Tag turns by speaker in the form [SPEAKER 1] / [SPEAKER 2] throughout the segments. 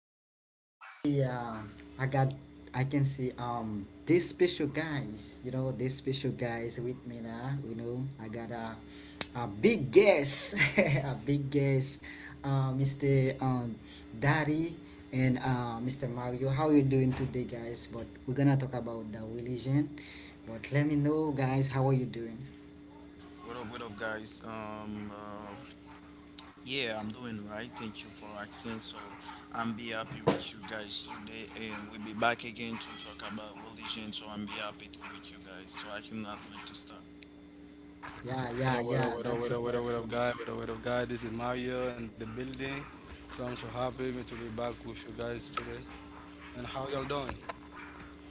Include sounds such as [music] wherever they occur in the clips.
[SPEAKER 1] Hello, hello. Today, I got, I can see this special guys. You know, this special guys with me now. You know, I got a big guest, [laughs] a big guest, Mr. Daddy and Mr. Mario. How you doing today, guys? But we're gonna talk about the religion. But let me know, guys, how are you doing?
[SPEAKER 2] What up, guys? Yeah, I'm doing right. Thank you for asking. So I'm be happy with you guys today, and we'll be back again to talk about religion. So I'm be happy with you guys. So I cannot wait to start.
[SPEAKER 1] Yeah,
[SPEAKER 3] Hey,
[SPEAKER 1] yeah,
[SPEAKER 3] what up,
[SPEAKER 1] yeah.
[SPEAKER 3] what up,
[SPEAKER 1] That's
[SPEAKER 3] what
[SPEAKER 1] so
[SPEAKER 3] up, what up, what up,
[SPEAKER 1] powerful.
[SPEAKER 3] guy, what up, guy. This is Mario and the building. So I'm so happy me to be back with you guys today. And how y'all doing?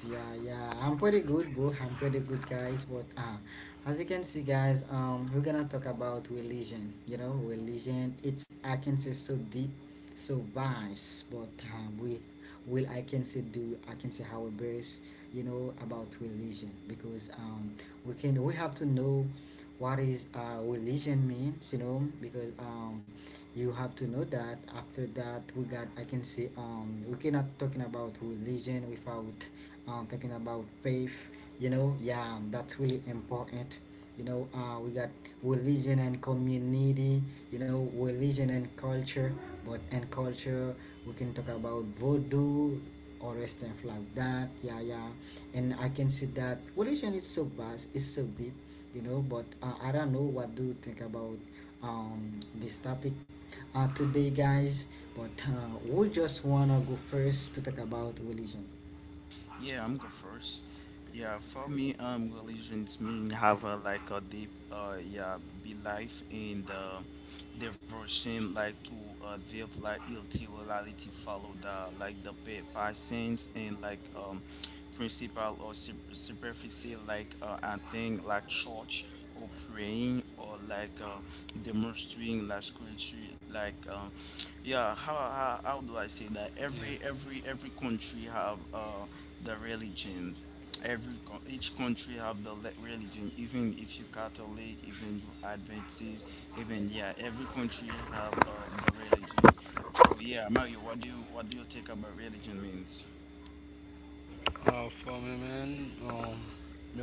[SPEAKER 1] Yeah, yeah, I'm pretty good, bro. I'm pretty good, guys. But as you can see, guys, we're gonna talk about religion. You know, religion. It's I can say so deep, so vast. But we will I can say do I can say how best you know about religion because we have to know what is religion means, you know, because you have to know that. After that, we got, I can say, we cannot talking about religion without talking about faith, you know. Yeah, that's really important, you know. We got religion and community, you know, religion and culture. But and culture, we can talk about voodoo or stuff like that. Yeah, yeah. And I can see that religion is so vast, it's so deep, you know. But I don't know, what do you think about this topic today, guys? But we just wanna go first to talk about religion.
[SPEAKER 2] Yeah, I'm go first. Yeah, for me, religions mean have a, like a deep, yeah, belief in the devotion, like to deep, like reality, follow the like the passions and like principle or superficie, like a thing like church or praying or like demonstrating like culture, like. Yeah, how do I say
[SPEAKER 3] Yeah.
[SPEAKER 2] that? Every country have the religion. Each country have the religion. Even if you Catholic, even you Adventist, even yeah, every country have the religion. So yeah, Mario, what do you think about religion means?
[SPEAKER 3] For me, man,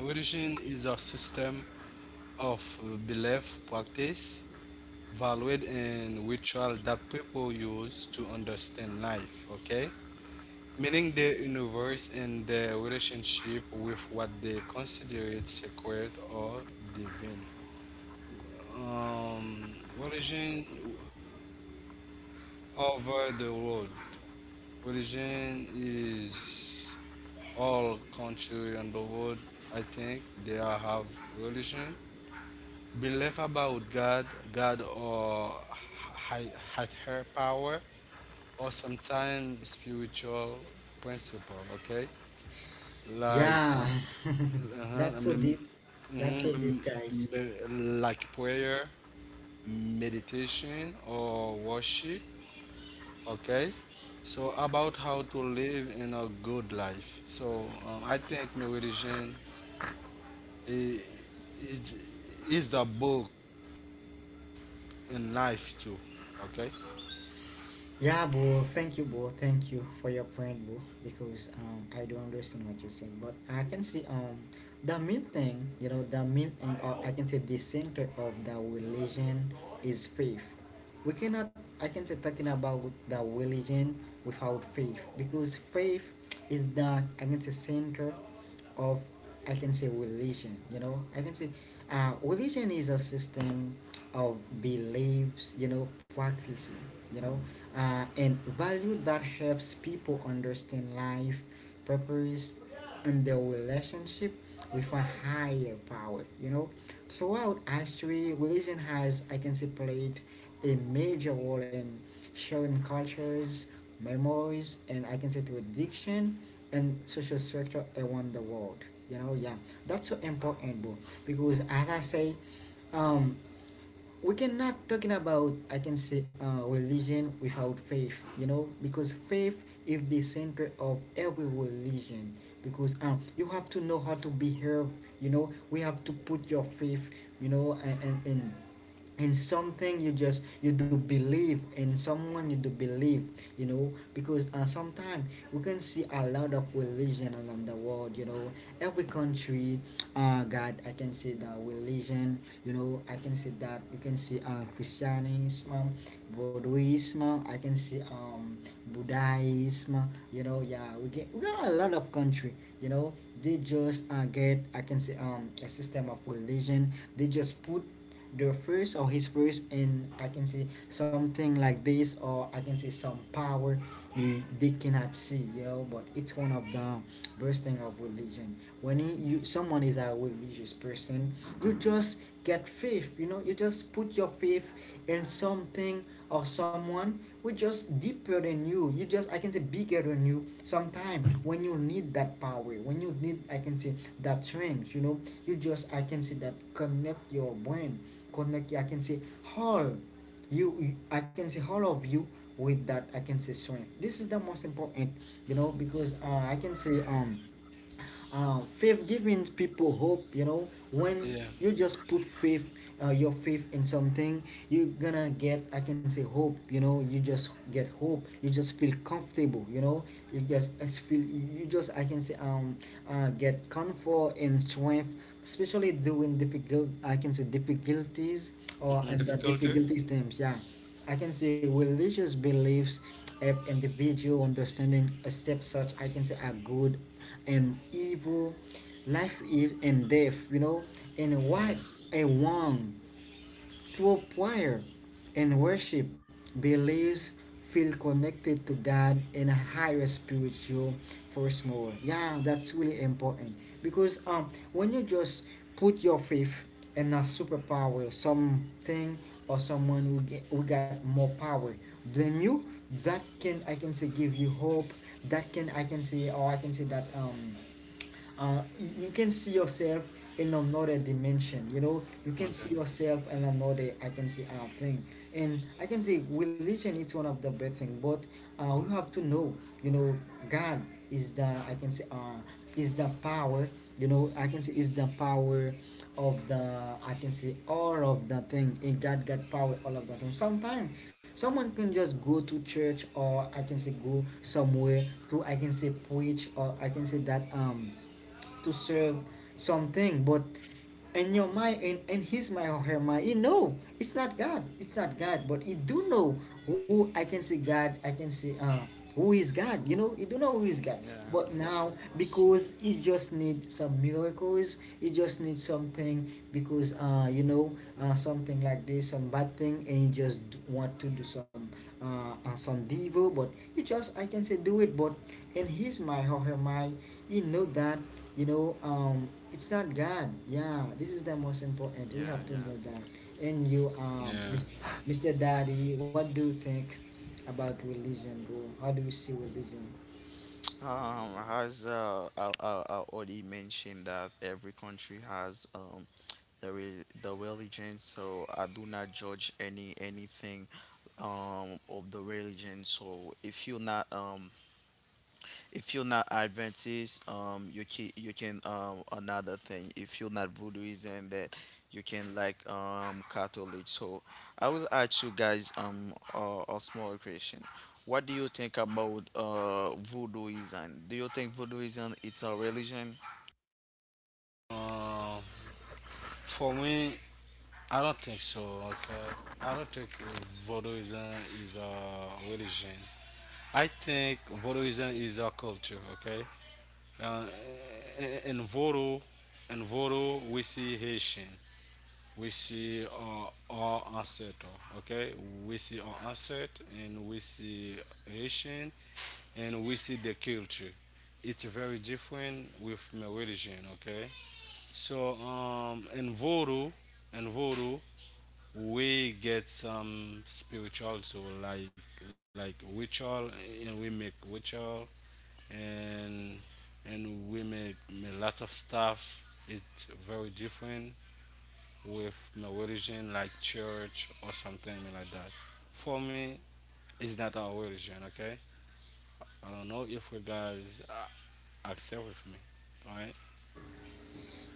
[SPEAKER 3] meditation is a system of belief, practice, value, and ritual that people use to understand life. Okay, meaning the universe and their relationship with what they consider it sacred or divine. Religion over the world. Religion is all country on the world. I think they are have religion. Belief about God, God or higher power, or sometimes spiritual principle. Okay, like
[SPEAKER 1] Yeah, [laughs]
[SPEAKER 3] uh-huh, I
[SPEAKER 1] that's so
[SPEAKER 3] mean,
[SPEAKER 1] deep. That's so deep,
[SPEAKER 3] mhm,
[SPEAKER 1] guys.
[SPEAKER 3] me- like prayer, meditation, or worship. Okay, so about how to live in a good life. So I think meditation i- is is a book in life too. Okay.
[SPEAKER 1] Yeah, bro. Thank you, bro. Thank you for your point, bro. Because I do understand what you said, but I can see the main thing, you know, the main thing, or I can say the center of the religion is faith. We cannot, I can say, talking about the religion without faith, because faith is the, I can say, center of, I can say, religion. You know, I can say religion is a system of beliefs. You know, practicing. You know, and value that helps people understand life, purpose, and their relationship with a higher power. You know, throughout history, religion has, I can say, played a major role in sharing cultures, memories, and, I can say, tradition and social structure around the world. You know, yeah, that's so important, bro. Because as I say, um, we cannot talking about, I can say, religion without faith, you know, because faith is the center of every religion. Because you have to know how to behave, you know. We have to put your faith, you know, and in something you just, you do believe in someone you do believe, you know. Because sometimes we can see a lot of religion around the world, you know, every country, God, I can see the religion. You know, I can see that you can see christianism, buddhism, I can see buddhism. You know, yeah, we got a lot of country, you know. They just get, I can say, a system of religion. They just put the first or his first, and I can see something like this, or I can see some power they cannot see, you know. But it's one of the bursting of religion when you, someone is a religious person, you just get faith, you know. You just put your faith in something or someone who just deeper than you, you just, I can say, bigger than you. Sometimes when you need that power, when you need, I can say, that strength, you know, you just, I can say, that connect your brain, connect, I can say, all I can say all of you with that, I can say, strength. This is the most important, you know. Because I can say faith giving people hope, you know. When
[SPEAKER 3] Yeah.
[SPEAKER 1] you just put faith your faith in something, you're gonna get, I can say, hope, you know. You just get hope, you just feel comfortable, you know. You just it's feel, you just, I can say, get comfort and strength, especially during difficult, I can say, difficulties or
[SPEAKER 3] Hmm.
[SPEAKER 1] and the
[SPEAKER 3] Difficulty.
[SPEAKER 1] difficulties times. Yeah, I can say religious beliefs help individual understanding a step such, I can say, are good and evil, life is and death, you know, and
[SPEAKER 3] Yeah.
[SPEAKER 1] what I want through prayer and worship believes feel connected to God in a higher spiritual force more. Yeah, that's really important because when you just put your faith in a superpower, something or someone who get who got more power than you, that can, I can say, give you hope. That can, I can say, or I can say that you can see yourself in another dimension, you know. You can see
[SPEAKER 3] Okay.
[SPEAKER 1] yourself in another, I can see, thing. And I can say religion is one of the best thing. But we have to know, you know, God is the, I can say, is the power, you know. I can say is the power of the, I can say, all of the thing. In God got power, all of the thing. Sometimes someone can just go to church, or I can say go somewhere to, I can say, preach, or I can say that to serve something. But in your mind, in his mind or her mind, he know it's not God, it's not God. But he do know who, I can say, God, I can say who is God, you know. He do know who is God.
[SPEAKER 2] Yeah, of
[SPEAKER 1] But
[SPEAKER 2] course,
[SPEAKER 1] now
[SPEAKER 2] of course.
[SPEAKER 1] because he just need some miracles, he just need something. Because you know, something like this, some bad thing, and he just want to do some evil. But he just, I can say, do it. But in his mind or her mind, he know that, you know, it's not God. Yeah, this is the most important. We
[SPEAKER 2] Yeah,
[SPEAKER 1] have to
[SPEAKER 2] yeah.
[SPEAKER 1] know that. And you,
[SPEAKER 3] Yeah.
[SPEAKER 1] Miss, Mr. Daddy, what do you think about religion, bro? How do you see religion?
[SPEAKER 2] As I already mentioned that every country has the the religion, so I do not judge any anything of the religion. So if you're not Adventist, you can another thing. If you're not Voodooist and that, you can like Catholic. So I will ask you guys a small question. What do you think about Voodooism? Do you think Voodooism it's a religion?
[SPEAKER 3] Uh, for me, I don't think so. Okay. I don't think voodooism is a religion. I think voodooism is a culture. Okay. uh, Envoro, envoro wesiheshing, we see Haitian, we see our ancestor, okay, we see our ancestor and we see Haitian, and we see the culture. It's very different with my religion. Okay, so in voodoo, in voodoo we get some spiritual, so like ritual, and we make ritual, and and we make a lot of stuff. It's very different with my religion, like church or something like that. For me, it's not our religion. Okay, I don't know if you guys accept with me. All right?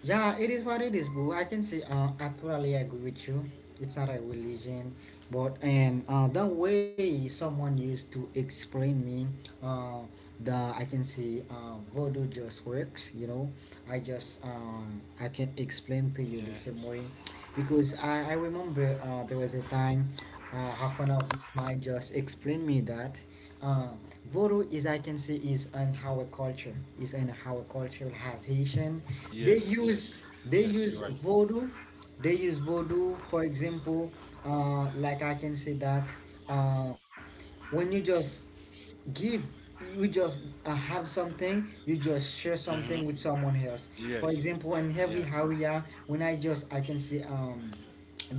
[SPEAKER 1] Yeah, it is what it is, boo. I can see. I totally agree with you. It's not a religion, but and the way someone used to explain me, uh, the, I can see, voodoo just works. You know, I just I can explain to you the
[SPEAKER 3] Yeah.
[SPEAKER 1] same way, because I remember there was a time, half one of my just explained me that. Um, Voodoo is, I can say, is an our culture, is an our culture has Haitian.
[SPEAKER 3] Yes.
[SPEAKER 1] They
[SPEAKER 3] Yes.
[SPEAKER 1] use
[SPEAKER 3] Yes.
[SPEAKER 1] they
[SPEAKER 3] You're right.
[SPEAKER 1] use Voodoo. They use Voodoo for example. Like I can say that uh, when you just give you just have something, you just share something with someone else.
[SPEAKER 3] Yes.
[SPEAKER 1] For example, in
[SPEAKER 3] Yeah.
[SPEAKER 1] every area when I just, I can say,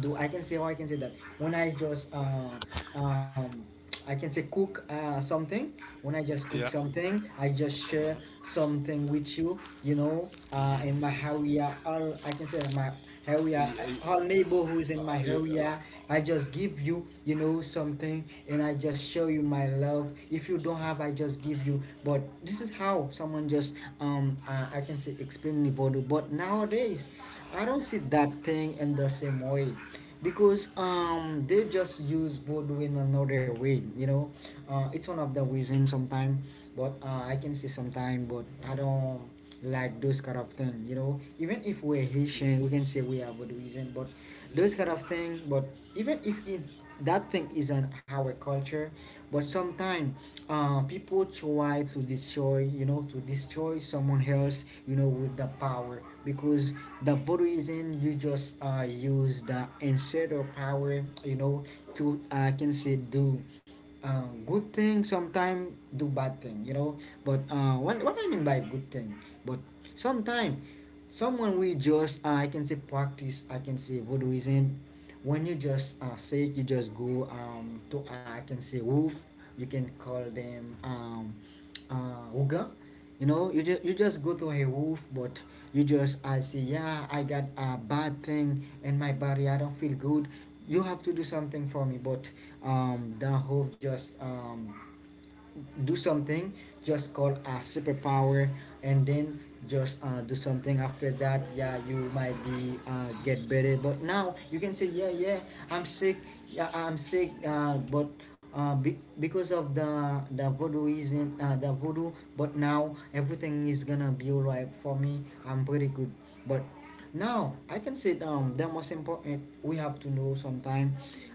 [SPEAKER 1] do, I can say, how I can say that, when I just um I can say cook something. When I just cook
[SPEAKER 3] Yeah.
[SPEAKER 1] something, I just
[SPEAKER 3] Okay.
[SPEAKER 1] share
[SPEAKER 3] Uh-huh.
[SPEAKER 1] something with you, you know. In
[SPEAKER 3] Mm-hmm.
[SPEAKER 1] my area, all, I can say, my area,
[SPEAKER 3] Yeah,
[SPEAKER 1] all neighbor who is in my
[SPEAKER 3] yeah,
[SPEAKER 1] area. I just give you, you know, something, and I just show you my love. If you don't have, I just give you. But this is how someone just I can say explain Nivodu. But nowadays, I don't see that thing in the same way because they just use voodoo in another way, you know. It's one of the reasons sometimes. But I can say sometimes, but I don't like those kind of thing, you know. Even if we're Haitian, we can say we are Baudouisian, but those kind of thing. But even if it, that thing isn't our culture, but sometimes people try to destroy, you know, to destroy someone else, you know, with the power. Because the Baudouisian you just use the instead of power, you know, to, I can say, do good thing, sometimes do bad thing, you know. But what I mean by good thing. But sometimes someone we just I can say practice, I can say voodooism. When you just say it, you just go to I can say wolf, you can call them Uga. You know, you just go to a wolf, but you just I say, yeah, I got a bad thing in my body. I don't feel good. You have to do something for me, but the wolf just do something, just call a superpower, and then just do something. After that, yeah, you might be get better, but now you can say, yeah, yeah, I'm sick, yeah, I'm sick, but because of the voodoo isn't, the voodoo, but now everything is gonna be all right for me, I'm pretty good. But now, I can say, the most important, we have to know sometime,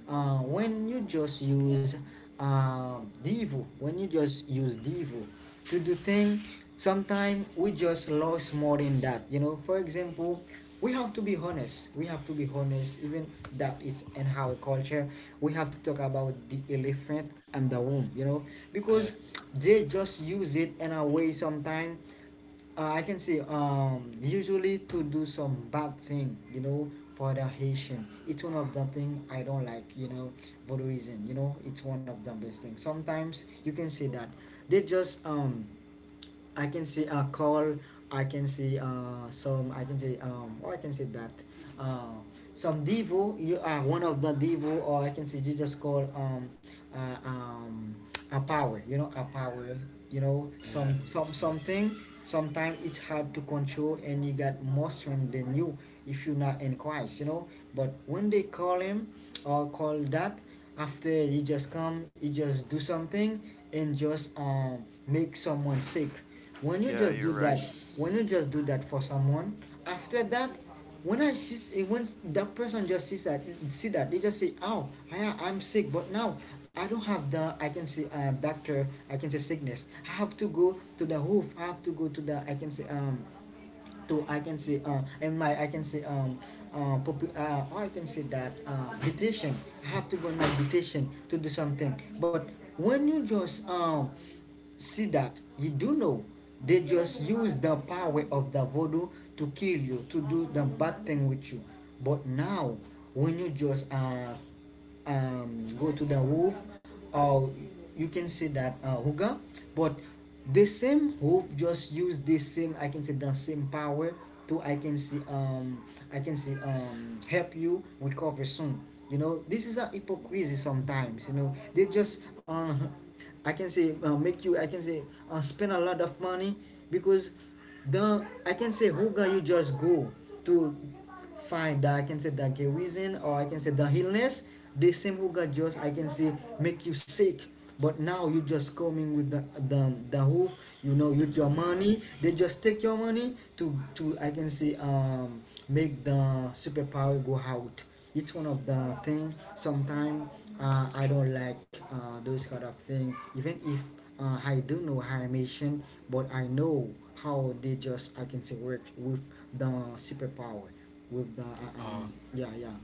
[SPEAKER 1] when you just use, Divo, when you just use Divo to do thing, sometime we just lost more than that. You know, for example, we have to be honest. We have to be honest, even that is in our culture. We have to talk about the elephant and the womb, you know, because
[SPEAKER 3] yeah,
[SPEAKER 1] they just use it in a way sometime, I can say, usually to do some bad thing, you know, for the Haitian. It's one of the thing I don't like, you know, for reason, you know, it's one of the best things. Sometimes you can say that they just I can see a call. I can see some. I can see Or I can see that uh, some divo. You are one of the divo, or I can see you just call uh, um, a power. You know, a power. You know,
[SPEAKER 3] yeah,
[SPEAKER 1] some
[SPEAKER 3] yeah.
[SPEAKER 1] something. Sometimes it's hard to control, and you got more strength than you, if you're not in Christ. You know, but when they call him or call that, after he just come, he just do something and just make someone sick. When you
[SPEAKER 2] Yeah,
[SPEAKER 1] just
[SPEAKER 2] you're
[SPEAKER 1] do
[SPEAKER 2] right.
[SPEAKER 1] that, when you just do that for someone, after that, when that person just sees that, see that, they just say, oh, I'm sick, but now I don't have the, I can say, doctor, I can say sickness. I have to go to the hoof, I have to go to the, I can say, to, I can say, and my, I can say, or I can say that, petition. I have to go in my petition to do something. But when you just see that, you do know they just use the power of the voodoo to kill you, to do the bad thing with you. But now, when you just go to the wolf, or you can say that, hooker, but the same hoof just use the same, I can say, the same power to, I can see, I can see, help you recover soon. You know, this is a hypocrisy sometimes, you know, they just I can say, make you, I can say, spend a lot of money, because the, I can say, who can you just go to, find the, I can say, the reason, or I can say the illness. The same who got, just I can say, make you sick, but now you just coming with the hoof, you know, with your
[SPEAKER 2] Yeah,
[SPEAKER 1] money. They just take your money to I can say, make the superpower go out. It's one of the thing. Sometimes, I don't like, those kind of thing, even if, I do know animation, but I know how they just, I can say, work with the superpower, with the,
[SPEAKER 3] Oh,
[SPEAKER 1] yeah, yeah.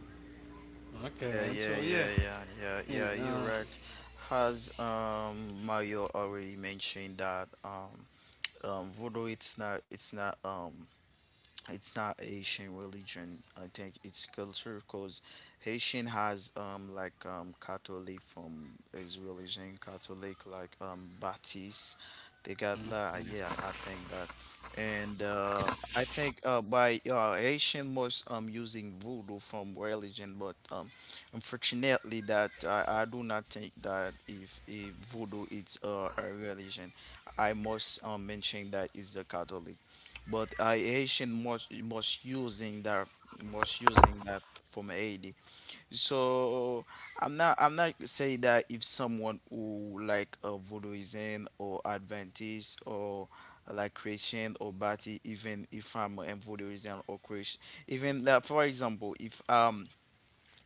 [SPEAKER 3] okay,
[SPEAKER 2] yeah,
[SPEAKER 3] man.
[SPEAKER 2] yeah,
[SPEAKER 3] So yeah,
[SPEAKER 2] yeah, yeah, yeah,
[SPEAKER 3] yeah,
[SPEAKER 2] yeah, you're right. Has Mario already mentioned that voodoo it's not it's not Haitian religion. I think it's culture because Haitian has like Catholic from his religion, Catholic like Baptist. They got that. Yeah, I think that. And I think by Haitian was using voodoo from religion, but unfortunately that I do not think that if voodoo is a religion, I must mention that is the Catholic but I Haitian was using that was using that from Haiti. So I'm not saying that if someone who like a Voodooism or Adventist or like Christian or Baptist, even if I'm a Voodooism or Christian, even like, for example, if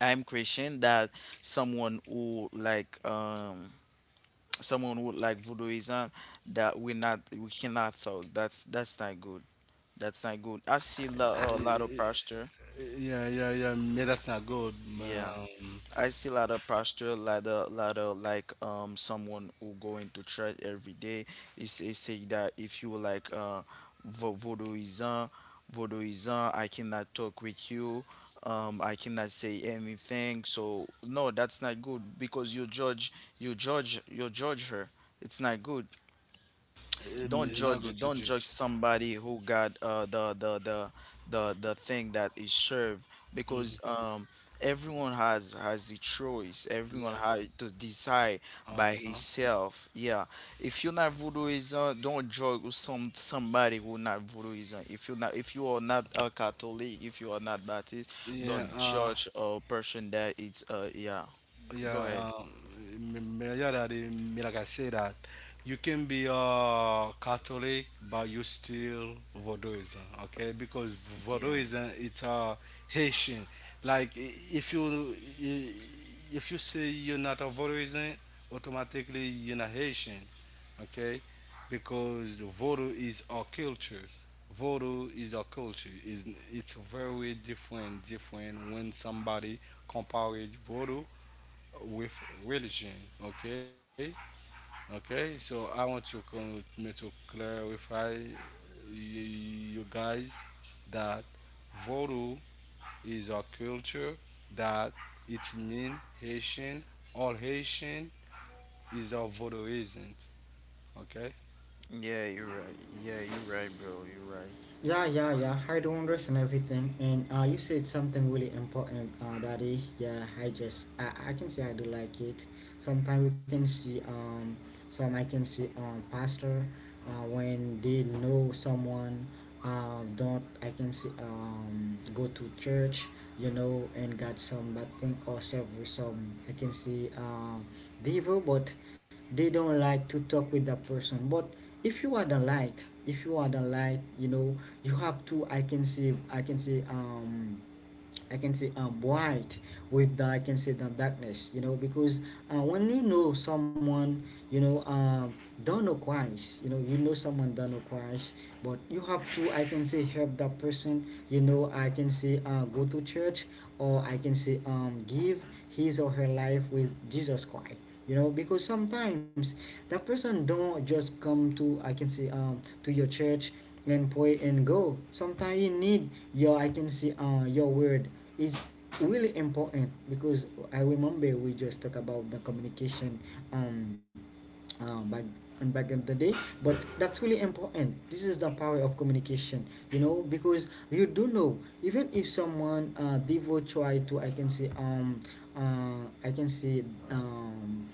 [SPEAKER 2] I'm Christian, that someone who like someone would like voodooism that we not we cannot talk. That's not good. That's not good. I see a lot of pastor.
[SPEAKER 3] yeah, yeah, yeah. Me, that's not good.
[SPEAKER 2] Yeah,
[SPEAKER 3] Um,
[SPEAKER 2] I see a lot of pastor, lot of like someone who go into church every day. Is say that if you like voodooism, voodooism, I cannot talk with you. I cannot say anything. So no, that's not good because you judge, you judge, you judge her. It's not good.
[SPEAKER 3] it-
[SPEAKER 2] Don't
[SPEAKER 3] it's not
[SPEAKER 2] judge,
[SPEAKER 3] good to
[SPEAKER 2] don't judge
[SPEAKER 3] judge.
[SPEAKER 2] somebody who got the thing that is served because
[SPEAKER 3] Hmm.
[SPEAKER 2] everyone has a choice, everyone
[SPEAKER 3] Yeah.
[SPEAKER 2] has to decide by
[SPEAKER 3] Uh-huh.
[SPEAKER 2] himself. Yeah, if you're not voodooism, don't judge somebody who not voodooism. If you're not, if you are not a Catholic, if you are not Baptist,
[SPEAKER 3] Yeah.
[SPEAKER 2] don't judge a person that it's yeah. Go ahead.
[SPEAKER 3] Yeah, yeah, that, like I say that, you can be Catholic, but you still Voodooism, okay? Because
[SPEAKER 2] Yeah,
[SPEAKER 3] Voodooism, it's a Haitian. Like, if you i- if you say you're not a Voodooism, automatically you're not Haitian, okay? Because Voodoo is our culture. Voodoo is our culture. Is it's very different, different when somebody compare it Voodoo with religion. Okay, okay. So I want to come me to clarify you guys that voodoo is a culture that it mean Haitian. All Haitian is a voodoo isn't. Okay.
[SPEAKER 2] yeah, you're right. Yeah, you're right, bro. You're right.
[SPEAKER 1] Yeah, yeah, yeah. I do understand everything, and you said something really important, Daddy. Yeah, I can say I do like it. Sometimes we can see some, I can see, pastor, when they know someone, don't, I can see, go to church, you know, and got some bad thing, or serve with some, I can see, devil, but they don't like to talk with that person. But if you are the light, if you are the light, you know, you have to, I can say, I can say, white with the, I can say, the darkness, you know, because when you know someone, you know, don't know Christ, you know someone don't know Christ, but you have to, I can say, help that person, you know, I can say, go to church, or I can say, give his or her life with Jesus Christ. You know, because sometimes that person don't just come to, I can say, to your church, and pray and go. Sometimes you need your, I can say, your word is really important, because I remember we just talk about the communication, um back, and back in the day. But that's really important. This is the power of communication. You know, because you do know, even if someone, devo, try to, I can say, uh i can say um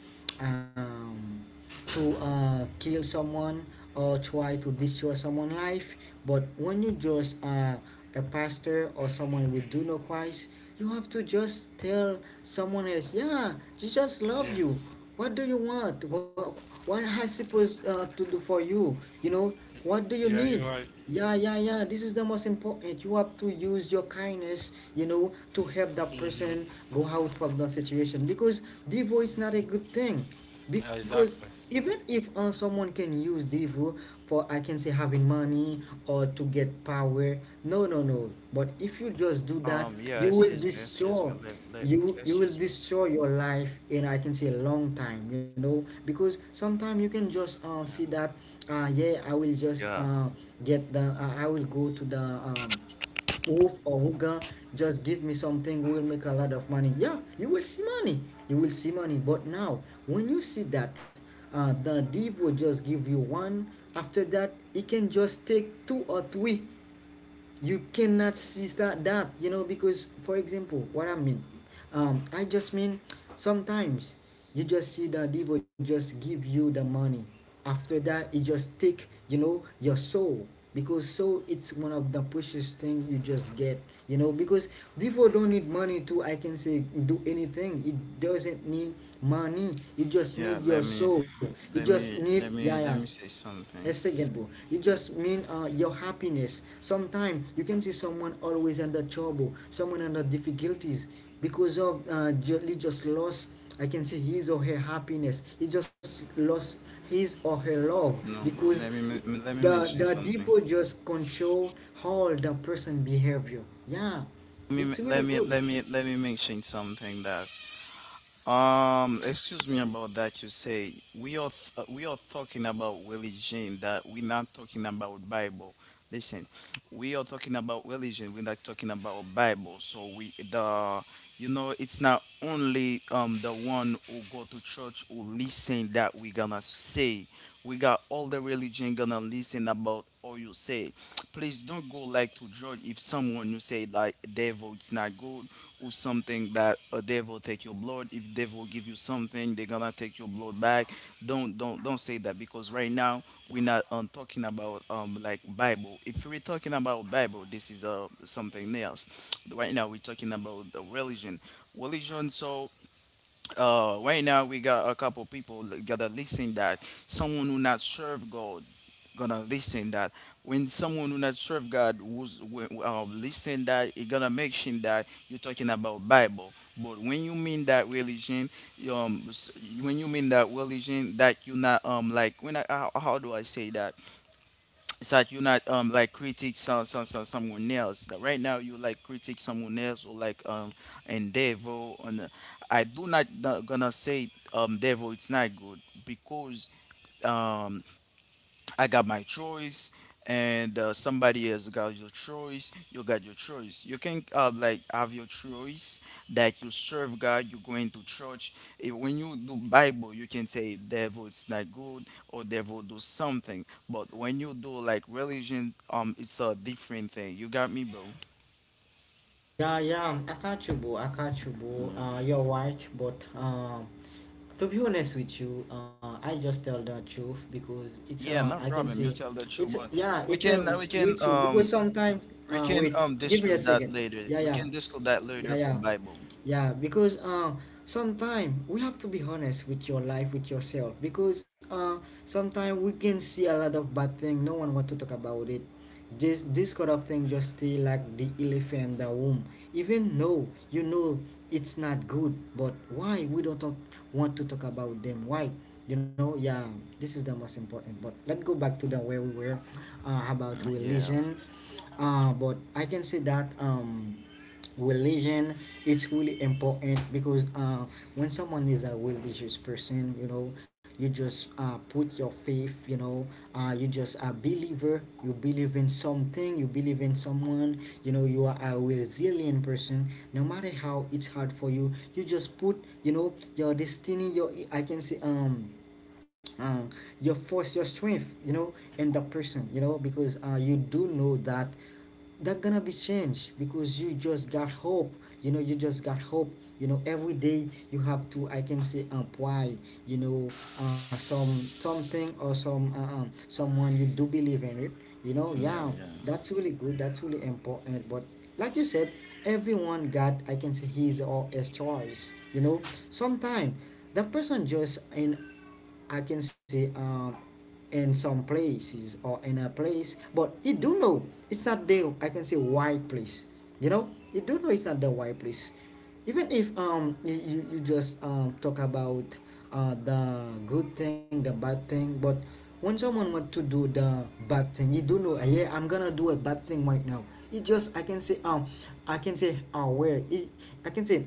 [SPEAKER 1] um to, kill someone, or try to destroy someone's life. But when you just, a pastor or someone who do know Christ, you have to just tell someone else, yeah, Jesus love you.
[SPEAKER 3] Yeah.
[SPEAKER 1] What do you want? What has he supposed, to do for you? You know, what do you need?
[SPEAKER 3] Yeah, you're right.
[SPEAKER 1] Yeah, yeah, yeah. This is the most important. You have to use your kindness, you know, to help that person
[SPEAKER 3] Mm-hmm.
[SPEAKER 1] go out from the situation, because divorce is not a good thing, because
[SPEAKER 3] Yeah,
[SPEAKER 1] even
[SPEAKER 3] exactly.
[SPEAKER 1] if, someone can use devil for, I can say, having money, or to get power, no, no, no, but if you just do that,
[SPEAKER 2] Yeah,
[SPEAKER 1] you will
[SPEAKER 2] excuse me, excuse me,
[SPEAKER 1] destroy, you will
[SPEAKER 2] excuse me.
[SPEAKER 1] destroy your life in, I can say, a long time. You know, because sometimes you can just, see
[SPEAKER 2] Yeah,
[SPEAKER 1] that, yeah, I will just,
[SPEAKER 2] yeah,
[SPEAKER 1] get the, I will go to the, stove or hookah, just give me something, we'll make a lot of money. Yeah, you will see money, you will see money. But now, when you see that, the div will just give you one, after that he can just take two or three. You cannot see that, that, you know, because for example, what I mean, I just mean, sometimes you just see that devil just give you the money, after that it just take, you know, your soul. Because soul, it's one of the precious thing you just get, you know, because devil don't need money to, I can say, do anything. It doesn't need money, it just
[SPEAKER 2] yeah.
[SPEAKER 1] need your soul, it just need, yeah, yeah.
[SPEAKER 2] Let me say
[SPEAKER 1] Yes,
[SPEAKER 2] something.
[SPEAKER 1] second, boo. You just mean, your happiness. Sometimes you can see someone always under trouble, someone under difficulties because of, he just lost, I can say, his or her happiness. He just lost his or her love,
[SPEAKER 2] No, bro.
[SPEAKER 1] because
[SPEAKER 2] Let me
[SPEAKER 1] the
[SPEAKER 2] mention something.
[SPEAKER 1] people just control how the person behavior. Yeah, it's really good.
[SPEAKER 2] Let me mention something that excuse me about that. You say we are we are talking about religion. That we're not talking about Bible. Listen, we are talking about religion. We're not talking about Bible. So we the you know it's not only the one who go to church who listen that we gonna say. We got all the religion gonna listen about all you say. Please don't go like to judge if someone you say like devil it's not good or something that a devil take your blood if devil give you something they gonna take your blood back, don't don't say that because right now we're not talking about like Bible. If we're talking about Bible, this is something else. Right now we're talking about the religion, religion. So right now we got a couple people gotta listen that someone who not serve God gonna listen that. When someone who not serve God listen that, it gonna make him that you're talking about Bible. But when you mean that religion, um, s- when you mean that religion, that you not like when I how do I say that, it's like you're not like critique someone else. That right now you like critique someone else or like endeavor on. I do not not gonna say devil it's not good because um. I got my choice, and somebody else got your choice. You got your choice. You can like have your choice that you serve God. You going to church. If, when you do Bible, you can say devil it's not good or devil do something. But when you do like religion, it's a different thing. You got me, bro?
[SPEAKER 1] Yeah, yeah, I got you, boo. I got you, boo.
[SPEAKER 2] Yeah.
[SPEAKER 1] You're right, but to be honest with you, I just tell the truth, because it's,
[SPEAKER 2] Yeah,
[SPEAKER 1] I
[SPEAKER 2] no
[SPEAKER 1] can
[SPEAKER 2] problem.
[SPEAKER 1] say,
[SPEAKER 2] You tell the truth,
[SPEAKER 1] it's
[SPEAKER 2] but
[SPEAKER 1] yeah,
[SPEAKER 2] we
[SPEAKER 1] it's
[SPEAKER 2] can uh, we can
[SPEAKER 1] with you, because
[SPEAKER 2] um
[SPEAKER 1] sometimes,
[SPEAKER 2] we can
[SPEAKER 1] wait, give me
[SPEAKER 2] discuss
[SPEAKER 1] a
[SPEAKER 2] that
[SPEAKER 1] second.
[SPEAKER 2] later.
[SPEAKER 1] Yeah,
[SPEAKER 2] We
[SPEAKER 1] yeah.
[SPEAKER 2] can discuss that
[SPEAKER 1] Yeah,
[SPEAKER 2] later for
[SPEAKER 1] yeah,
[SPEAKER 2] Bible.
[SPEAKER 1] yeah. Because, sometimes we have to be honest with your life, with yourself. Because, sometimes we can see a lot of bad thing. No one want to talk about it. This kind of thing just stay like the elephant in the room. Even though you know it's not good, but why we don't talk, want to talk about them? Why? You know, yeah. This is the most important. But let's go back to the where we were, about
[SPEAKER 2] Yeah,
[SPEAKER 1] religion. But I can say that, religion, it's really important, because when someone is a religious person, you know, you just, put your faith, you know, you just a believer, you believe in something, you believe in someone, you know, you are a resilient person, no matter how it's hard for you, you just put, you know, your destiny, your, I can say, uh, your force, your strength, you know, in the person, you know, because, you do know that that gonna be changed, because you just got hope, you know, you just got hope, you know, every day you have to, I can say, employ, you know, some something, or some, someone you do believe in it, you know,
[SPEAKER 2] yeah,
[SPEAKER 1] yeah.
[SPEAKER 2] yeah.
[SPEAKER 1] That's really good, that's really important. But like you said, everyone got, I can say, his or his choice, you know. Sometimes the person just in, I can say, in some places, or in a place, but you do know it's not the, I can say, white place. You know, you do know it's not the white place. Even if, you, you just, talk about, the good thing, the bad thing, but when someone want to do the bad thing, you do know, yeah, I'm gonna do a bad thing right now. It just, I can say, I can say, aware. It, I can say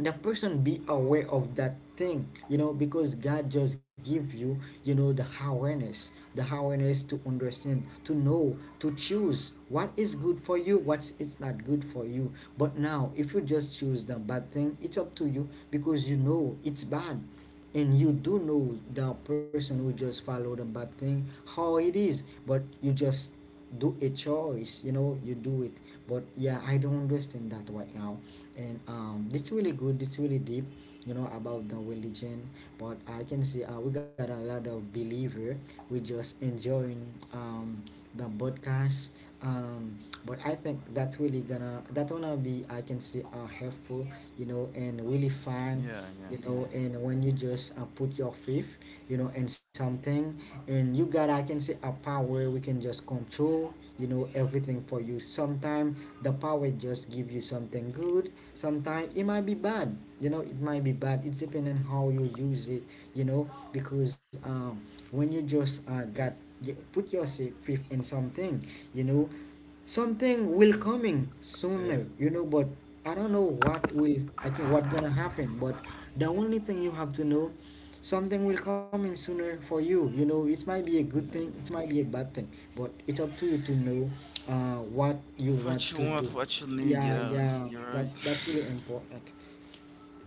[SPEAKER 1] the person be aware of that thing you know because god just give you you know the awareness, the awareness to understand, to know, to choose what is good for you, what is not good for you. But now if you just choose the bad thing, it's up to you because you know it's bad. And you do know the person who just follow the bad thing, how it is. But you just do a choice, you know, you do it. But yeah, I don't understand that right now. And it's really good, it's really deep, about the religion. But I can see we got a lot of believer. We just enjoying um the podcast. um but I think that's really gonna, that gonna be, I can say helpful, and really fun.
[SPEAKER 2] Yeah, yeah, yeah.
[SPEAKER 1] And when you just put your faith, in something. And you got, I can say, a power we can just control, you know, everything for you sometime. The power just give you something good, sometimes it might be bad, you know, it might be bad. It's depending on how you use it, you know, because when you
[SPEAKER 3] Yeah.
[SPEAKER 1] just got, you put yourself fifth in something, you know, something will coming
[SPEAKER 3] Yeah.
[SPEAKER 1] sooner, you know. But I don't know what will, I think what gonna happen. But the only thing you have to know, something will coming sooner for you, you know, it might be a good
[SPEAKER 2] Yeah,
[SPEAKER 1] thing, it
[SPEAKER 2] yeah.
[SPEAKER 1] might be a bad thing. But it's up to you to know what you want
[SPEAKER 2] What you
[SPEAKER 1] to do.
[SPEAKER 2] want, what you need,
[SPEAKER 1] Yeah,
[SPEAKER 2] yeah,
[SPEAKER 1] yeah,
[SPEAKER 2] you're
[SPEAKER 1] that
[SPEAKER 2] right.
[SPEAKER 1] that's really important.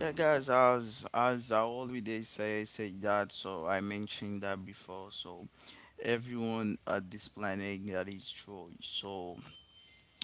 [SPEAKER 2] Yeah, guys, as I always say, say that, so I mentioned that before, so everyone at this planet that is true. So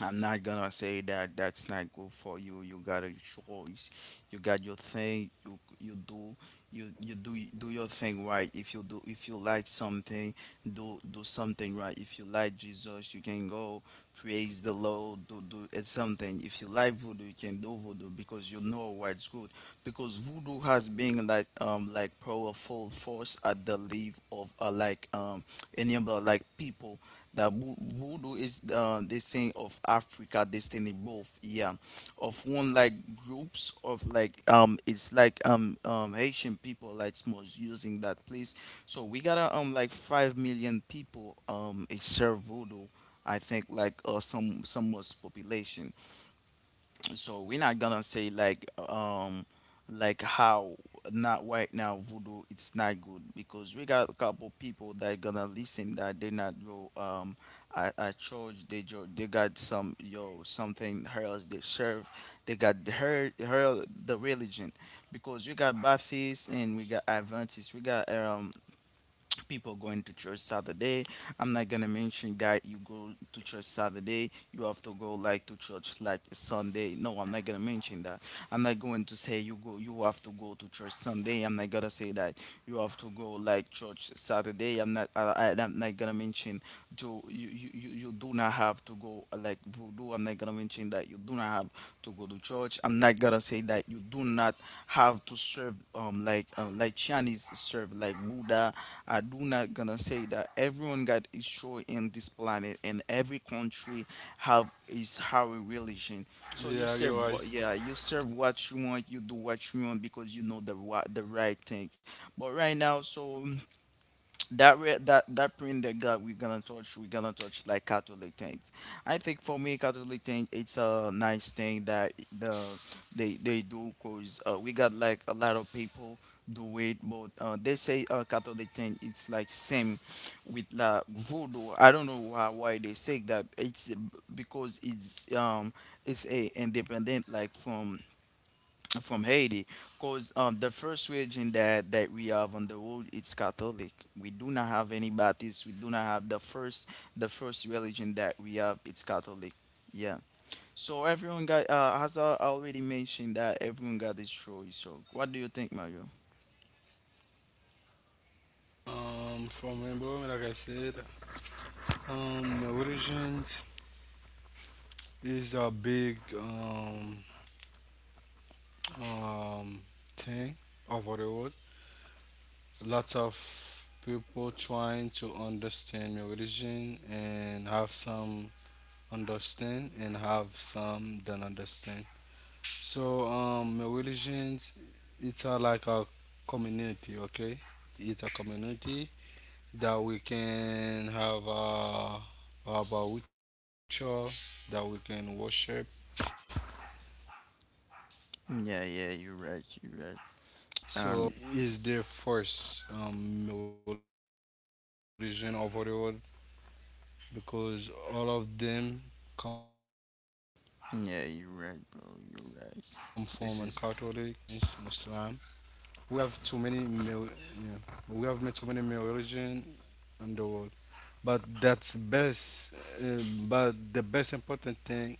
[SPEAKER 2] I'm not gonna say that that's not good for you. You got a choice. You got your thing. You do your thing right. If you do if you like something, do do something right. If you like Jesus, you can go praise the Lord. Do do it's something. If you like voodoo, you can do voodoo because you know what's good. Because voodoo has been like powerful force at the leave of like enable like people that voodoo is the saying of Africa destiny both yeah of one like groups of like it's like Haitian people like most using that place, so we got like 5 million people it's serve voodoo. I think like some most population. So we're not gonna say um like how not right now voodoo it's not good because we got a couple people that gonna listen that they not go at church, they they got some yo something else they serve. They got her the religion because we got Baptists and we got Adventists, we got people going to church Saturday. I'm not gonna mention that you go to church Saturday, you have to go like to church like Sunday. No, I'm not gonna mention that. I'm not going to say you go you have to go to church Sunday. I'm not gonna say that you have to go like church Saturday. I'm not gonna mention to you, you do not have to go like voodoo. I'm not gonna mention that you do not have to go to church. I'm not gonna say that you do not have to serve like Chinese serve like Buddha. I do not gonna say that everyone got his show in this planet, and every country have is how a religion. So you serve,
[SPEAKER 3] Yeah. You're
[SPEAKER 2] yeah,
[SPEAKER 3] right.
[SPEAKER 2] you serve what you want, you do what you want because you know the what the right thing. But right now, so that that that print that God we're gonna touch, we're gonna touch like Catholic things. I think for me Catholic thing it's a nice thing that the they do cause we got like a lot of people do it but they say Catholic thing it's like same with la voodoo. I don't know why they say that it's because it's a independent like from Haiti, because the first religion that, that we have on the world it's Catholic. We do not have any Baptist. We do not have the first religion that we have it's Catholic. Yeah. So everyone got as I already mentioned that everyone got his choice. So what do you think, Mario?
[SPEAKER 3] For my brother, like I said, religions, it's a big um, thing over the world. Lots of people trying to understand my religion and have some understand and have some don't understand. So my religion, it's a, like a community, okay? It's a community that we can have a ritual that we can worship. So
[SPEAKER 2] Yeah,
[SPEAKER 3] for
[SPEAKER 2] yeah,
[SPEAKER 3] me,
[SPEAKER 2] you're right. You're
[SPEAKER 3] Catholic
[SPEAKER 2] right. Um,
[SPEAKER 3] is the first religion of the world, because all of them come from a Catholic, like Baptist,
[SPEAKER 2] yeah, you're
[SPEAKER 3] Protestant,
[SPEAKER 2] right, bro. You're
[SPEAKER 3] okay, my
[SPEAKER 2] right. This
[SPEAKER 3] Christianis,
[SPEAKER 2] is
[SPEAKER 3] Muslim. We have too many, mil- yeah, we have too many religion in the world. But that's best. Uh, but the best important thing,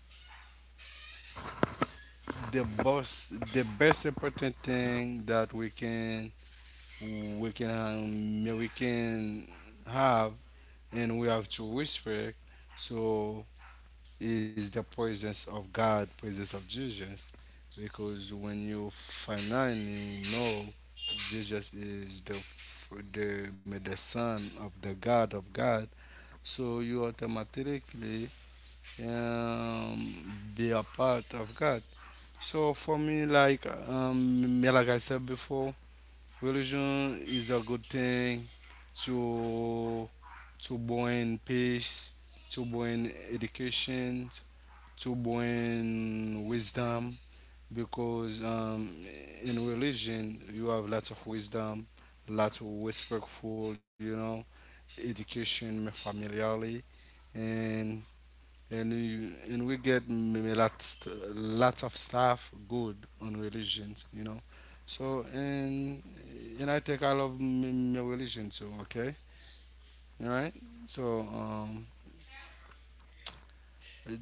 [SPEAKER 3] the boss, the best important thing that we can we can we can have and we have to respect, so is the presence of God, presence of Jesus, because when you finally know Jesus is the the son of the God of God, so you automatically um, be a part of God. So for me, like me, like I said before, religion is a good thing to to bring peace, to bring education, to bring wisdom. Because in religion you have lots of wisdom, lots of respectful, you know, education familiarly, and and you, and we get lots, lots of stuff good on religions, you know. So and I think I love my religion too. Okay, all right. So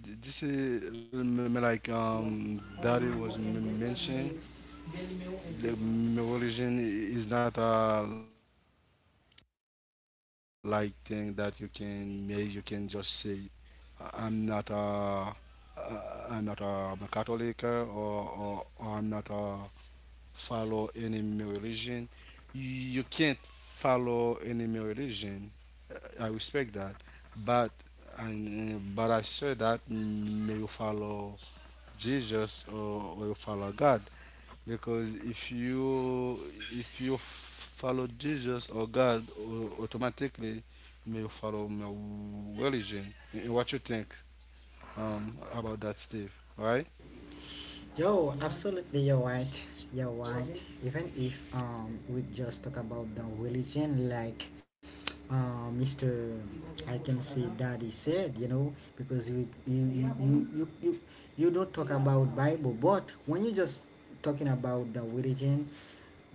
[SPEAKER 3] this is like Daddy was mentioned. The religion is not a like thing that you can just say I'm not a I'm a Catholic or I'm not a follow any male religion. You can't follow any male religion. I respect that, but and but I say that may you follow Jesus or you follow God, because if you follow Jesus or God, automatically may you follow male religion. What you think about that, Steve? Right?
[SPEAKER 1] Yo, absolutely, you're right. You're right. Even if we just talk about the religion, like Mister, I can say Daddy said, you know, because you don't talk about Bible, but when you just talking about the religion,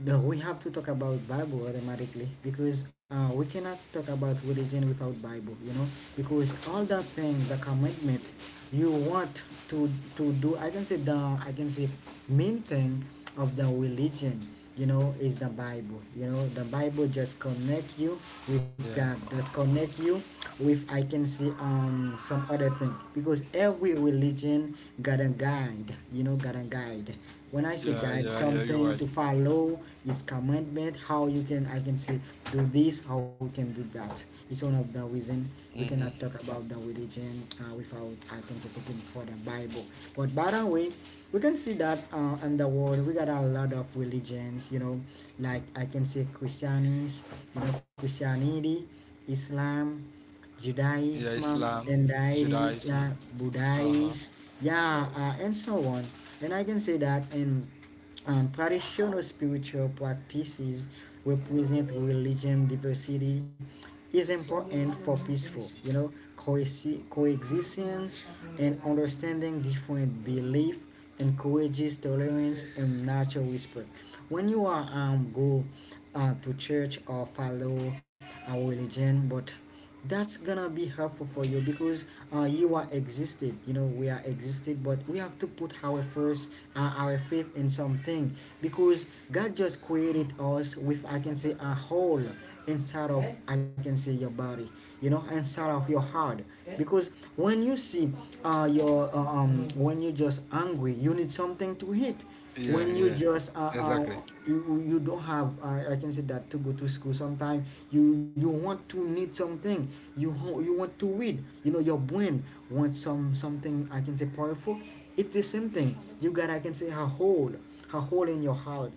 [SPEAKER 1] no, we have to talk about Bible automatically because we cannot talk about religion without Bible, you know, because all the things, the commitment you want to do, I can say the I can say main thing of the religion, you know, is the Bible. You know, the Bible just connect you with God,
[SPEAKER 3] Yeah.
[SPEAKER 1] just connect you with, I can say, some other thing, because every religion got a guide, you know, got a guide.
[SPEAKER 3] Yeah.
[SPEAKER 1] When I
[SPEAKER 3] Yeah.
[SPEAKER 1] say
[SPEAKER 3] Yeah.
[SPEAKER 1] guide,
[SPEAKER 3] You're
[SPEAKER 1] something to follow, its commandment, how you can, I can say, do this, how we can do that. It's one of the
[SPEAKER 3] right.
[SPEAKER 1] reason we cannot talk about the religion without, I can say, taking for the Bible. But by the way, we can see that in the world we got a lot of religions, you know, like, I can say, Christianity, you know, Christianity, Islam,
[SPEAKER 3] Yeah, Islam,
[SPEAKER 1] Judaism, and
[SPEAKER 3] Judaism.
[SPEAKER 1] Irish,
[SPEAKER 3] Uh-huh.
[SPEAKER 1] Buddhist, yeah, and so on. And I can say that in traditional spiritual practices represent religion diversity is important for peaceful, you know, coexistence, and understanding different belief encourages tolerance and natural whisper. When you are go to church or follow a religion, but that's gonna be helpful for you because you are existed, you know, we are existed, but we have to put our first our faith in something. Because god just created us with, I can say, a whole inside of, I can say, your body, you know, inside of your heart. Because when you see your when you just angry, you need something to eat.
[SPEAKER 3] Yeah,
[SPEAKER 1] When you
[SPEAKER 3] yeah.
[SPEAKER 1] just
[SPEAKER 3] Exactly.
[SPEAKER 1] you you don't have I can say that to go to school. Sometimes you you want to need something. You you want to read. You know your brain wants something, I can say, powerful. It's the same thing. You got, I can say, a hole in your heart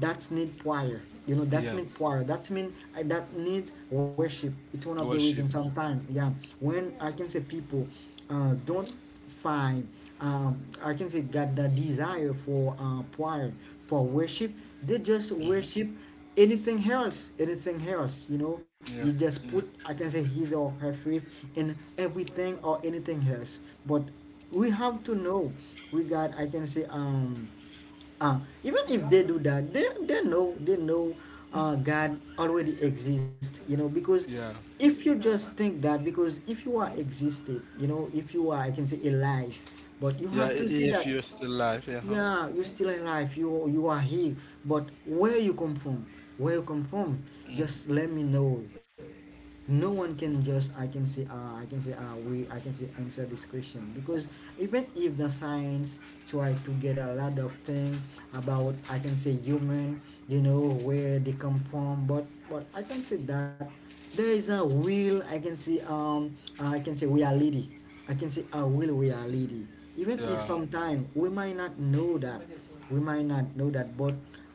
[SPEAKER 1] that's need prayer, you know, that's
[SPEAKER 3] Yeah.
[SPEAKER 1] mean prayer, that's mean that needs worship. It's one of the reasons.
[SPEAKER 3] Worship.
[SPEAKER 1] Sometimes, yeah, when, I can say, people don't find I can say got the desire for prayer, for worship, they just
[SPEAKER 3] Mm-hmm.
[SPEAKER 1] worship anything else, anything else. You know,
[SPEAKER 3] Yeah.
[SPEAKER 1] you just
[SPEAKER 3] Yeah.
[SPEAKER 1] put, I can say, his or her faith in everything or anything else. But we have to know. We got, I can say, even if they do that, they know, they know God already exists, you know, because
[SPEAKER 3] Yeah.
[SPEAKER 1] if you just think that, because if you are existed, you know, if you are, I can say, alive, but you
[SPEAKER 3] Yeah,
[SPEAKER 1] have to see
[SPEAKER 3] if
[SPEAKER 1] that,
[SPEAKER 3] you're still alive, yeah. Huh?
[SPEAKER 1] yeah, you're still alive, you are here, but where you come from, where you come from,
[SPEAKER 3] Mm.
[SPEAKER 1] just let me know. No one can just, I can say I can say we I can say answer this question. Because even if the science try to get a lot of thing about, I can say, human, you know, where they come from, but I can say that there is a real, I can say, I can say reality, I can say a real reality, even if
[SPEAKER 3] Yeah.
[SPEAKER 1] sometime we might not know that, we might not know that, but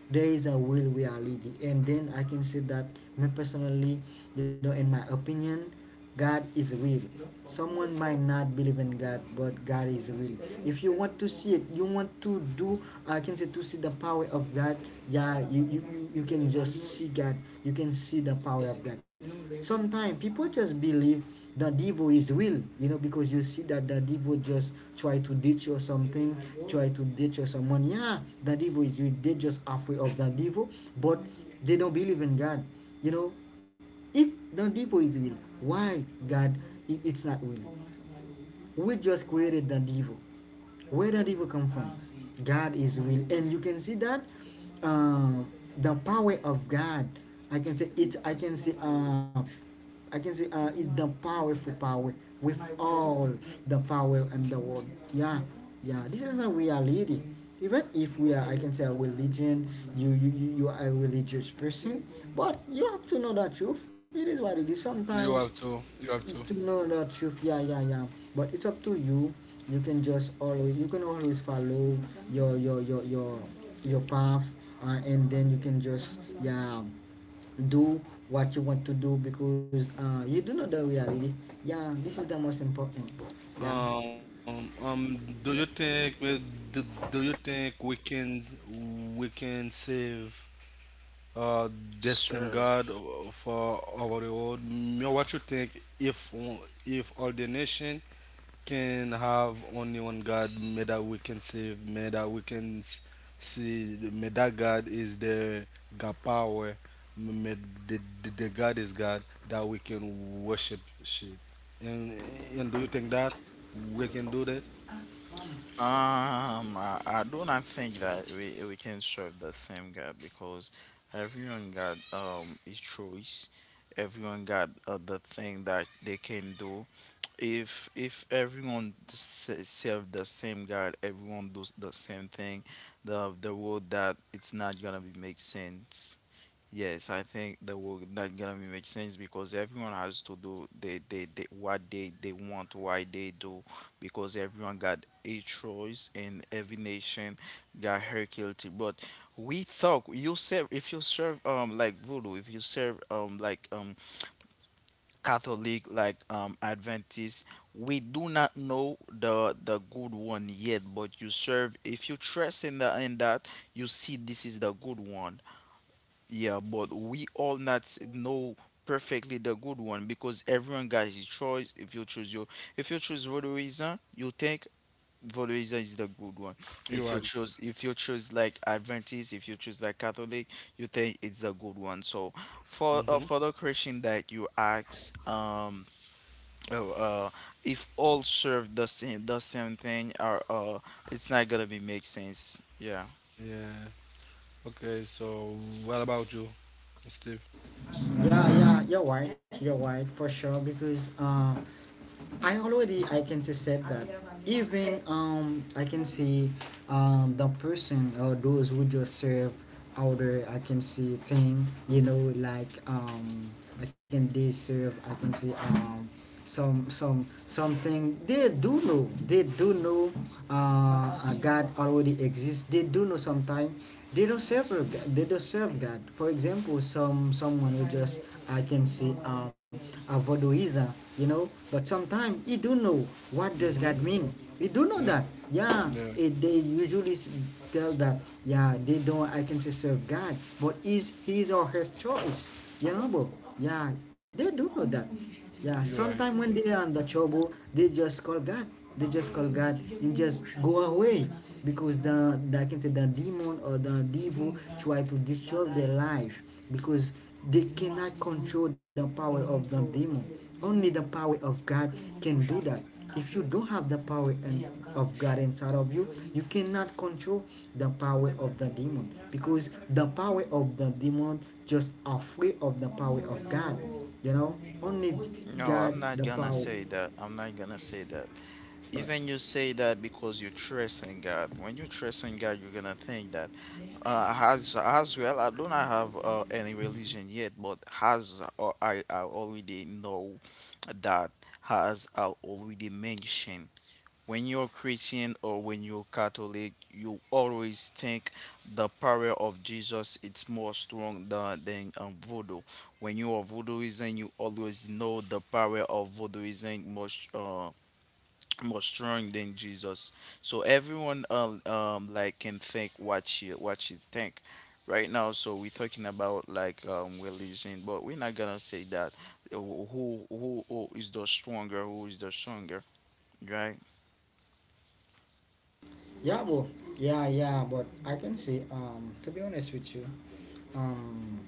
[SPEAKER 1] there is a real reality. And then I can say that me personally, you know, in my opinion, god is real. Someone might not believe in god, but god is real. If you want to see it, you want to do, I can say, to see the power of god, yeah, you can just see god, you can see the power of god. Sometimes people just believe Dadibo is real, you know, because you see that Dadibo just try to ditch or something, try to ditch or someone. Yeah, Dadibo is real. They just afraid of Dadibo, but they don't believe in God. You know, if Dadibo is real, why God it's not real? We just created Dadibo. Where that evil come from? God is will. And you can see that uh, the power of god, I can say it's I can say it's the powerful power with all the power in the world. Yeah, yeah, this is how we are leading. Even if we are, I can say, a religion, you you are a religious person, but you have to know the truth. It is what it is. Sometimes
[SPEAKER 3] You have to. You
[SPEAKER 1] it's
[SPEAKER 3] have
[SPEAKER 1] to
[SPEAKER 3] to.
[SPEAKER 1] know the truth. Yeah, yeah, yeah. But it's up to you. You can just always, you can always follow your your your your your path, and then you can just, yeah, do what you want to do, because you do know the reality. Yeah, this is the most important. Yeah,
[SPEAKER 3] Do you think we? Do, do you think we can save uh the same
[SPEAKER 2] Sure.
[SPEAKER 3] God for over the world. Me, what you think if all the nation can have only one God, may that we can save, may that we can see, may that God is the God power, may the God is God that we can worship. Ship. And and do you think that we can do that?
[SPEAKER 2] I do not think that we can serve the same God because everyone got his choice. Everyone got the thing that they can do. If everyone serve the same God, everyone does the same thing. The world that it's not gonna be make sense. Yes, I think that will that gonna be make sense because everyone has to do they what they want, why they do, because everyone got a choice and every nation got her guilty. But we thought you serve if you serve like voodoo, if you serve like Catholic, like Adventist, we do not know the good one yet, but you serve if you trust in the in that you see this is the good one, yeah, but we all not know perfectly the good one because everyone got his choice. If you choose your, if you choose Valorizon, you think Valorizon is the good one.
[SPEAKER 3] You are.
[SPEAKER 2] If you choose like Adventist, if you choose like Catholic, you think it's the good one. So
[SPEAKER 3] Mm-hmm.
[SPEAKER 2] for the question that you ask, uh, uh, if all serve the same thing, or it's not gonna be make sense. Yeah.
[SPEAKER 3] Yeah. Okay. So what about you, Steve?
[SPEAKER 1] yeah, yeah. You're right. You're right for sure, because I already, I can just said that, even I can see the person or those who just serve outer, I can see thing, you know, like I can, they serve, I can see some something, they do know, they do know God already exists, they do know sometime they don't serve a they don't serve God. For example, someone who just I can see a voodooism, you know. But sometimes he do know what does
[SPEAKER 3] Mm-hmm.
[SPEAKER 1] God mean. We do know that. Yeah,
[SPEAKER 3] Yeah,
[SPEAKER 1] it, they usually tell that. Yeah, they don't, I can say, serve God, but is his or her choice, you know. But yeah, they do know that. Yeah,
[SPEAKER 3] you're
[SPEAKER 1] sometimes
[SPEAKER 3] right.
[SPEAKER 1] when they are in the trouble, they just call God, they just call God and just go away, because the, I can say, the demon or the devil try to destroy their life, because they cannot control the power of the demon. Only the power of God can do that. If you don't have the power and of God inside of you, you cannot control the power of the demon, because the power of the demon just afraid of the power of God. You know, only
[SPEAKER 2] No,
[SPEAKER 1] God
[SPEAKER 2] I'm not
[SPEAKER 1] the
[SPEAKER 2] gonna
[SPEAKER 1] power.
[SPEAKER 2] say that. I'm not gonna say that.
[SPEAKER 1] But
[SPEAKER 2] Even you say that because you trust in God. When you trust in God, you're gonna think that. As well, I do not have any religion yet, but as I already know that as I already mentioned. When you're Christian or when you're Catholic, you always think the power of Jesus it's more strong than voodoo. When you are voodooism, you always know the power of voodooism much more strong than Jesus. So everyone like can think what she think right now. So we're talking about like religion, but we're not gonna say that who is the stronger, who is the stronger, right?
[SPEAKER 1] yeah, bro, yeah, yeah, but I can see. To be honest with you, um,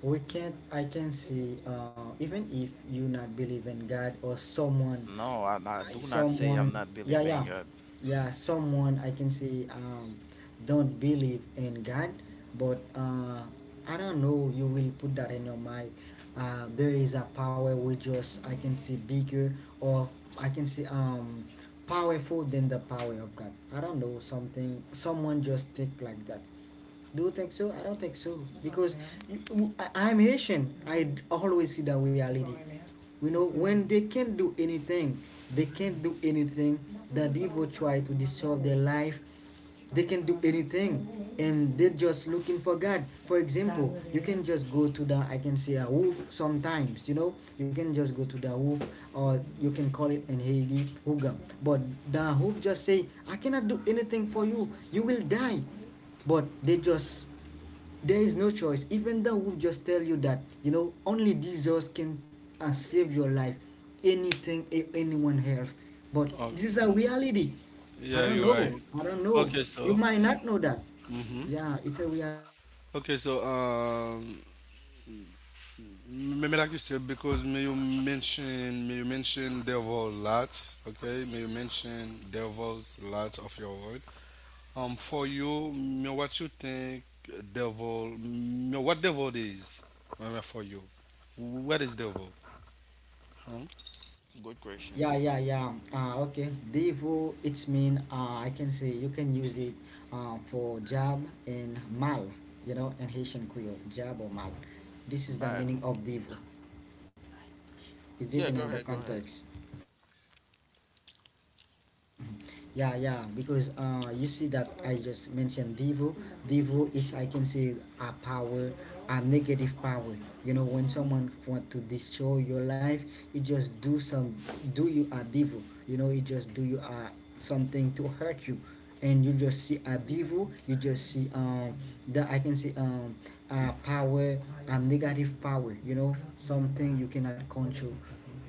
[SPEAKER 1] we can't, I can see. Even if you not believe in God or someone,
[SPEAKER 2] No, I do not say I'm
[SPEAKER 1] someone.
[SPEAKER 2] not
[SPEAKER 1] Yeah,
[SPEAKER 2] believing
[SPEAKER 1] yeah,
[SPEAKER 2] God.
[SPEAKER 1] yeah. Someone, I can see, don't believe in God, but I don't know. You will put that in your mind. There is a power which just I can see bigger or I can see powerful than the power of God. I don't know, something. Someone just think like that. Do you think so? I don't think so, because you, I'm Haitian. I am haitian. I always see the reality. You know, when they can't do anything, they can't do anything. The devil try to disturb their life, they can do anything, and they're just looking for God. For example, you can just go to the, I can say, a wolf sometimes, you know, you can just go to the wolf, or you can call it in Haiti huga. But the wolf just say, "I cannot do anything for you, you will die." But they just, there is no choice. Even though we just tell you that, you know, only Jesus can save your life, anything, anyone else. But
[SPEAKER 3] Oh,
[SPEAKER 1] this is a reality. I
[SPEAKER 3] yeah,
[SPEAKER 1] don't
[SPEAKER 3] you're right.
[SPEAKER 1] know. I don't know.
[SPEAKER 3] Okay,
[SPEAKER 1] You
[SPEAKER 3] so.
[SPEAKER 1] might not know that.
[SPEAKER 3] Mm-hmm.
[SPEAKER 1] Yeah, it's a reality.
[SPEAKER 3] Okay, so me like you said, because me you mention devil lot. Okay, me you mention devils lot of your word. For you, me what you think devil? Me what devil is? For you, what is devil? Huh?
[SPEAKER 2] Good question.
[SPEAKER 1] Yeah, yeah, yeah. Okay. Devo, it's mean, I can say you can use it for jab and mal, you know, in Haitian Creole, jab or mal. This is the
[SPEAKER 2] Bad.
[SPEAKER 1] meaning of Devo. It's
[SPEAKER 2] Yeah,
[SPEAKER 1] depending
[SPEAKER 2] go
[SPEAKER 1] on the
[SPEAKER 2] ahead, go ahead.
[SPEAKER 1] context. Yeah, yeah, because you see that I just mentioned devil. Devil is, I can say, a power, a negative power. You know, when someone want to destroy your life, it just do some, do you a devil. You know, it just do you a something to hurt you, and you just see a devil. You just see that I can say a power, a negative power. You know, something you cannot control,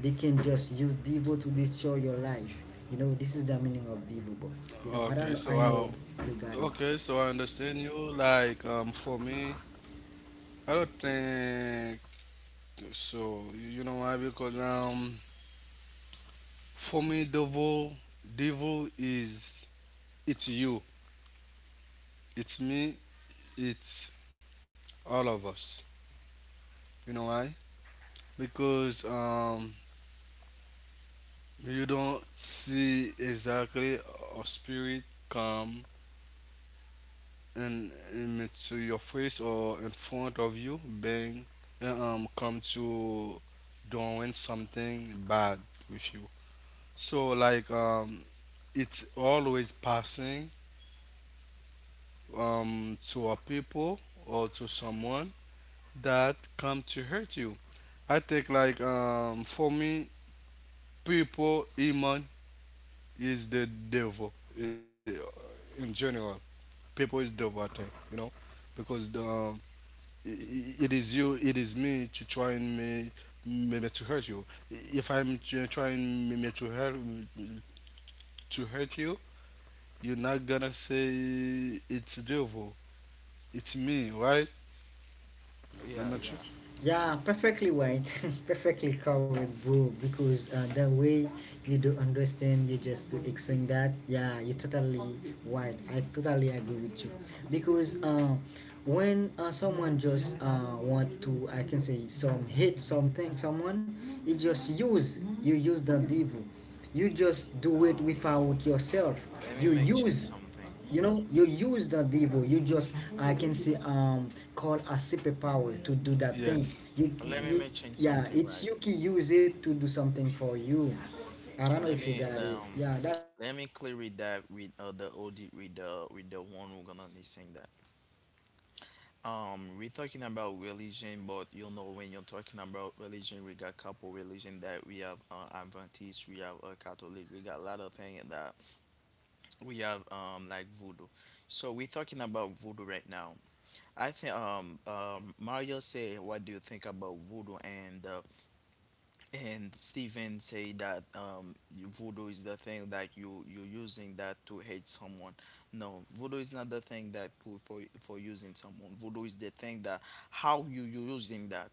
[SPEAKER 1] they can just use Devo to destroy your life. You know, this is the meaning of Devo. You know, I
[SPEAKER 3] Okay,
[SPEAKER 1] don't,
[SPEAKER 3] so
[SPEAKER 1] I know you
[SPEAKER 3] I
[SPEAKER 1] got it.
[SPEAKER 3] okay, so I understand you. Like for me, I don't think. So you know why? Because for me, devil, devil is it's you, it's me, it's all of us. You know why? Because you don't see exactly a spirit come and into your face or in front of you, bang, and come to doing something bad with you. So like it's always passing to a people or to someone that come to hurt you. I think like for me, people, human is the devil, eh, in general. People is devil, I think, you know, because it is you, it is me to try and me maybe to hurt you. If I'm trying maybe to hurt you, you're not gonna say it's devil, it's me, right?
[SPEAKER 2] Yeah, yeah.
[SPEAKER 3] I'm not sure.
[SPEAKER 1] Yeah, perfectly white, [laughs] perfectly covered, bro. Because the way you do understand, you just to explain that. Yeah, you totally white. I totally agree with you. Because when someone just want to, I can say, some hate something, someone, you use the devil. You just do it
[SPEAKER 2] Um,
[SPEAKER 1] without yourself.
[SPEAKER 2] let me
[SPEAKER 1] You
[SPEAKER 2] make change
[SPEAKER 1] use,
[SPEAKER 2] something.
[SPEAKER 1] you know, you use that devil. You just, I can say, call a superpower to do that thing
[SPEAKER 2] Let me
[SPEAKER 3] Yes.
[SPEAKER 2] make change
[SPEAKER 3] Yeah.
[SPEAKER 1] yeah,
[SPEAKER 2] something, right.
[SPEAKER 1] it's, you can use it to do something for you. I don't know
[SPEAKER 2] Let
[SPEAKER 1] if you
[SPEAKER 2] me
[SPEAKER 1] got it.
[SPEAKER 2] um
[SPEAKER 1] Yeah, that,
[SPEAKER 2] let me clear it that with the OD with the one who gonna listen that. We're talking about religion, but you know when you're talking about religion, we got couple religion that we have Adventist, we have Catholic, we got a lot of things that we have like voodoo. So we're talking about voodoo right now. I think Mario say, what do you think about voodoo? And Steven say that voodoo is the thing that you using that to hate someone. No, voodoo is not the thing that put for using someone. Voodoo is the thing that how you using that.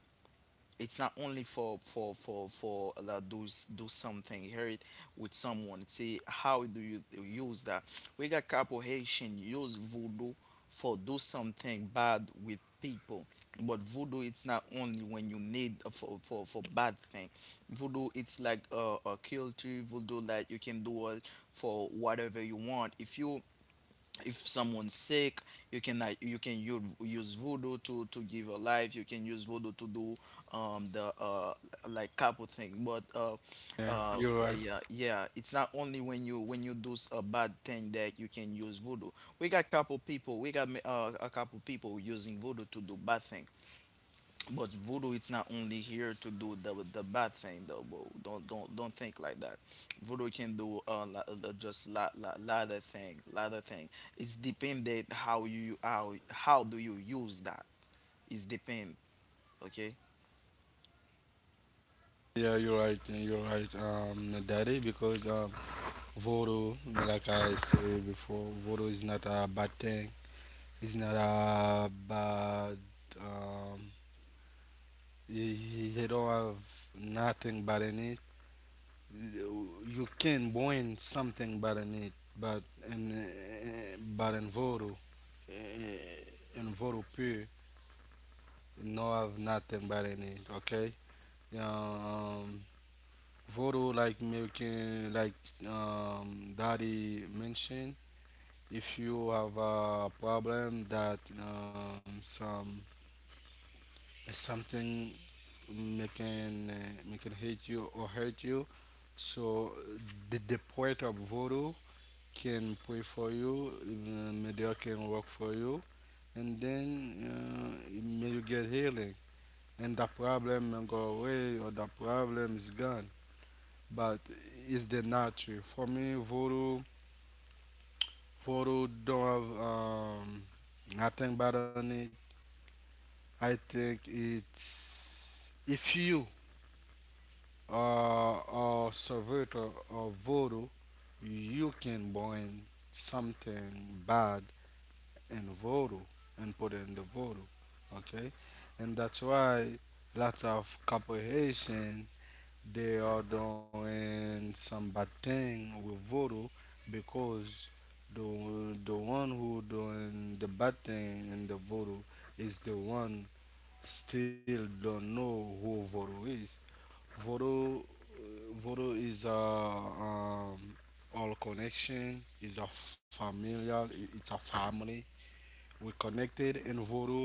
[SPEAKER 2] It's not only for like do something here it with someone. See how do you use that? We got couple Haitian use voodoo for do something bad with people. But voodoo it's not only when you need for bad thing. Voodoo it's like a culture. Voodoo like you can do it for whatever you want. If you, if someone's sick, you can like, you can use voodoo to give a life. You can use voodoo to do the like couple thing, but uh
[SPEAKER 3] Yeah,
[SPEAKER 2] yeah,
[SPEAKER 3] you're right.
[SPEAKER 2] yeah, it's not only when you a bad thing that you can use voodoo. We got couple people, we got a couple people using voodoo to do bad thing. But voodoo, it's not only here to do the bad thing though, bro. Don't think like that. Voodoo can do just lot, lot of thing, lot of thing. It's dependent how you how do you use that. It's depend. Okay.
[SPEAKER 3] Yeah, you're right. Yeah, you're right, Daddy, because voodoo, like I said before, voodoo is not a bad thing. It's not a bad. Um, you, you don't have nothing bad in it. You can bring something bad in it, but uh, in voodoo pure, no have nothing bad in it. Okay. Yeah. Voodoo, like making, like Daddy mentioned, if you have a problem that some something making making hate you or hurt you, so the poet of voodoo can pray for you, may they can work for you, and then may you get healing, and the problem may go away or the problem is gone. But it's the nature. For me, voodoo, voodoo don't have nothing bad on it. I think it's if you are a survivor of voodoo, you can bring something bad in voodoo and put it in the voodoo. Okay, and that's why lots of corporation, they are doing some bad thing with voodoo because the the one who doing the bad thing in the voodoo is the one still don't know who voodoo is. Voodoo, voodoo is a all connection is a familial, it's a family. We connected in voodoo,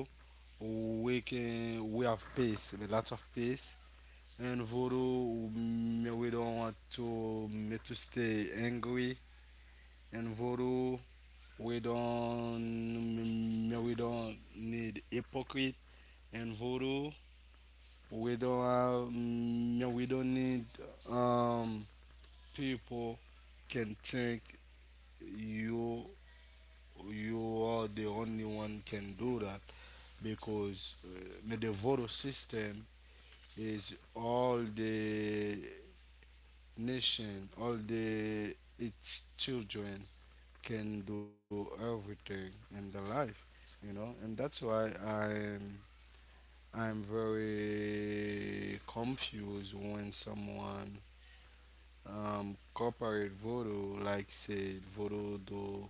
[SPEAKER 3] we can we have peace, lots of peace. And voodoo, mm, we don't want to mm, to stay angry. And voodoo, we don't mm, we don't need hypocrite. And voodoo, we don't have, mm, we don't need um people can think you you are the only one can do that, because the voodoo system is all the nation, all the its children can do everything in the life, you know, and that's why I'm very confused when someone corporate voodoo, like say voodoo do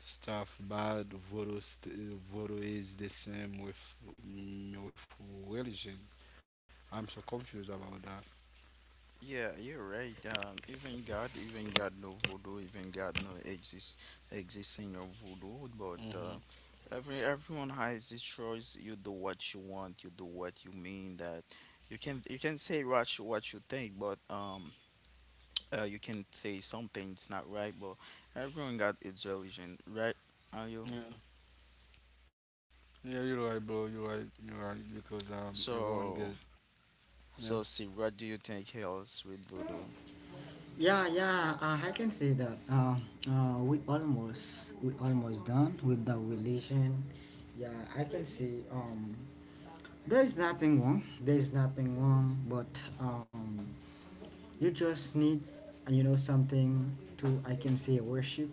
[SPEAKER 3] stuff bad. Voodoo is the same with mm, with religion. I'm so confused about that.
[SPEAKER 2] Yeah, you're right. Even God no voodoo, even God no exist existing of voodoo. But
[SPEAKER 3] Hmm.
[SPEAKER 2] everyone has his choice. You do what you want. You do what you mean. That you can say what you think, but you can say something it's not right. But everyone got its religion, right? Are you?
[SPEAKER 3] Yeah, you're right, bro. You're right. You're right because everyone get.
[SPEAKER 2] So,
[SPEAKER 3] Yeah,
[SPEAKER 2] so see, what do you think else with voodoo?
[SPEAKER 1] yeah, yeah, I can say that, we almost done with the relation. Yeah, I can say, there's nothing wrong, but you just need, you know, something to, I can say, worship.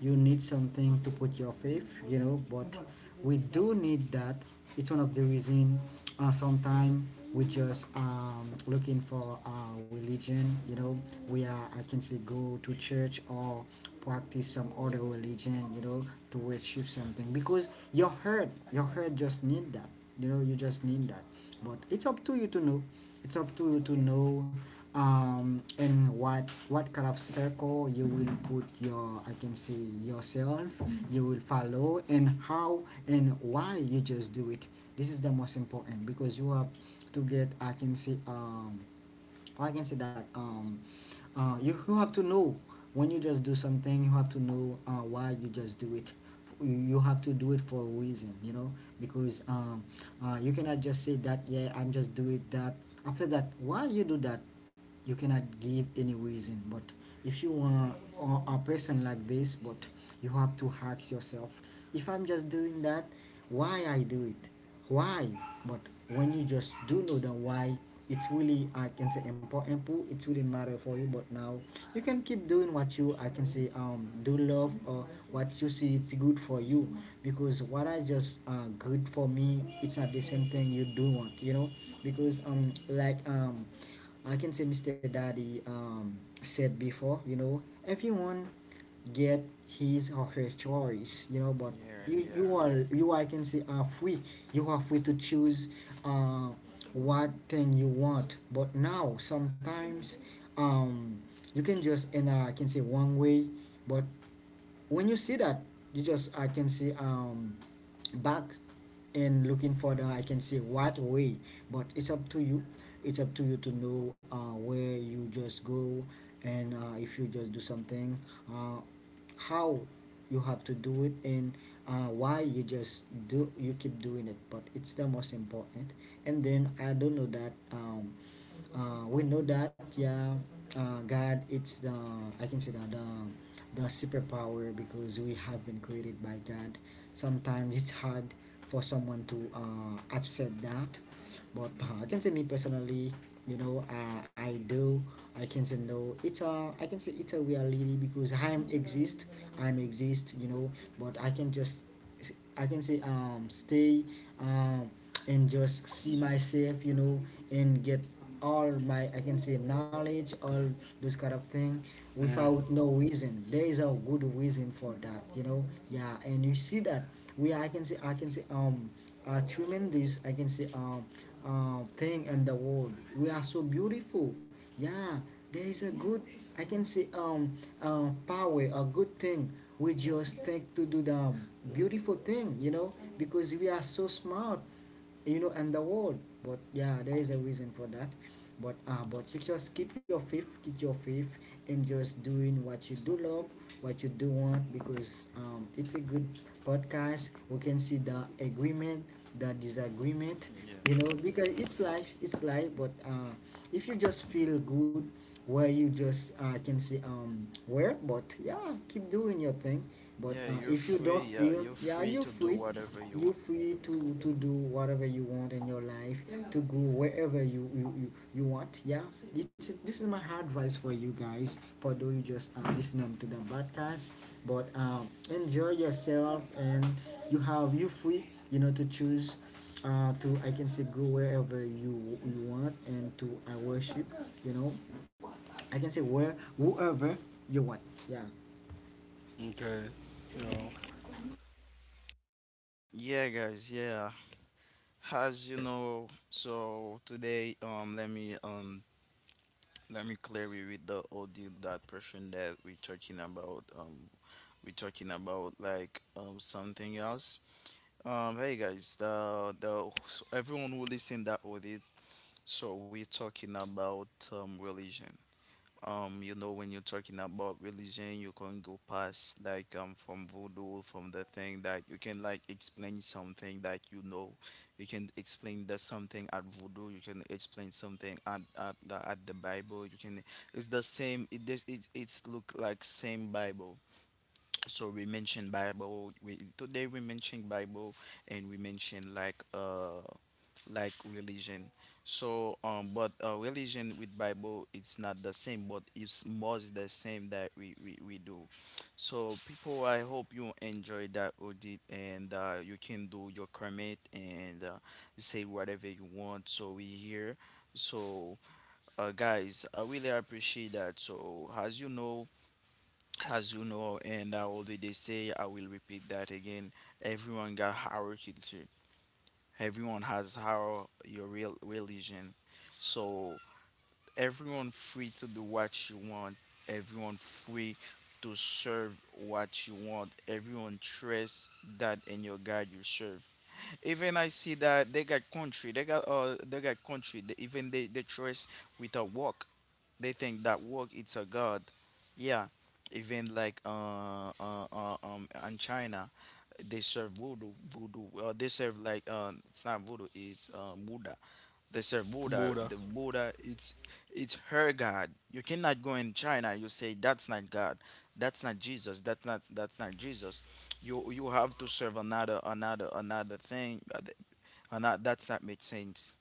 [SPEAKER 1] You need something to put your faith, you know, but we do need that. It's one of the reason, sometimes we just looking for religion, you know, we are, I can say, go to church or practice some other religion, you know, to worship something because your heart just need that, you know, you just need that. But it's up to you to know, it's up to you to know in what kind of circle you will put your, I can say, yourself. You will follow, and how and why you just do it. This is the most important, because you have to get, I can say, I can say that you, you have to know when you just do something. You have to know why you just do it. You have to do it for a reason, you know, because you cannot just say that, yeah, I'm just do it that. After that, why you do that? You cannot give any reason. But if you are a person like this, but you have to ask yourself, if I'm just doing that, why I do it, why? But when you just do know the why, it's really, I can say, important. It's really matter for you. But now you can keep doing what you, I can say, do love, or what you see it's good for you, because what I just good for me, it's not the same thing you do want, you know. Because I can say Mr. Daddy, said before, you know, everyone get his or her choice, you know, but
[SPEAKER 2] Yeah,
[SPEAKER 1] you
[SPEAKER 2] yeah,
[SPEAKER 1] are, you, I can say, are free. You are free to choose uh, what thing you want. But now sometimes, um, you can just in a, I can say, one way, but when you see that, you just, I can see, back, and looking further, I can see what way. But it's up to you, it's up to you to know where you just go, and if you just do something, uh, how you have to do it, and why you just do, you keep doing it. But it's the most important. And then, I don't know that, we know that, yeah, God, it's the, I can say that, the superpower, because we have been created by God. Sometimes it's hard for someone to upset that. But I can say, me personally, you know, I do, I can say, no, it's a, I can say, it's a reality, because I am exist, I am exist, you know. But I can just, I can say, stay um and just see myself, you know, and get all my, I can say, knowledge, all those kind of thing
[SPEAKER 3] yeah,
[SPEAKER 1] without no reason. There is a good reason for that, you know. Yeah, and you see that we, I can say, a tremendous I can say thing in the world. We are so beautiful. Yeah, there is a good, I can say, power, a good thing. We just take to do the beautiful thing, you know, because we are so smart, you know, and the world. But yeah, there is a reason for that. But but you just keep your faith, keep your faith, and just doing what you do love, what you do want. Because it's a good podcast. We can see the agreement, the disagreement,
[SPEAKER 2] yeah,
[SPEAKER 1] you know,
[SPEAKER 2] yeah,
[SPEAKER 1] because
[SPEAKER 2] yeah.
[SPEAKER 1] it's life, it's life. But if you just feel good, where you just can see where. But yeah, keep doing your thing. But
[SPEAKER 2] Yeah, you're
[SPEAKER 1] if you
[SPEAKER 2] free.
[SPEAKER 1] don't
[SPEAKER 2] Yeah,
[SPEAKER 1] feel,
[SPEAKER 2] you're
[SPEAKER 1] yeah,
[SPEAKER 2] free
[SPEAKER 1] you're
[SPEAKER 2] to do
[SPEAKER 1] free.
[SPEAKER 2] whatever you want.
[SPEAKER 1] You're free to do whatever you want in your life. Yeah, to go wherever you, you want. Yeah, it's, this is my hard advice for you guys, for those you just listening to the podcast. But enjoy yourself, and you have, you free, you know, to choose, to, I can say, go wherever you, you want, and to I worship, you know, I can say where, whoever you want. Yeah.
[SPEAKER 3] okay, you know.
[SPEAKER 2] Yeah, guys. Yeah, as you know, so today, let me clear you with the audio that person that we're talking about. We're talking about like something else. Hey guys, the everyone who listen that audit. So we're talking about religion. You know, when you're talking about religion, you can go past like from voodoo, from the thing that you can like explain something that you know. You can explain that something at voodoo. You can explain something at at the Bible. You can. It's the same. It does. It it's look like same Bible. So we mentioned Bible. We today we mentioned Bible, and we mentioned like religion. So, but religion with Bible, it's not the same, but it's most the same that we do. So, people, I hope you enjoy that audit and you can do your comment and say whatever you want. So, we here. So, guys, I really appreciate that. So, as you know, and I already say, I will repeat that again. Everyone got hierarchy. Everyone has how your real religion. So everyone free to do what you want. Everyone free to serve what you want. Everyone trust that in your God you serve. Even I see that they got country. They got country. They, even they trust with a walk. They think that walk it's a god. Yeah. Even like in China they serve voodoo, they serve like it's not voodoo, it's Buddha. They serve Buddha,
[SPEAKER 3] Buddha.
[SPEAKER 2] the Buddha, it's her god. You cannot go in China, you say that's not God, that's not Jesus, that's not Jesus. You have to serve another thing, another, that's not make sense.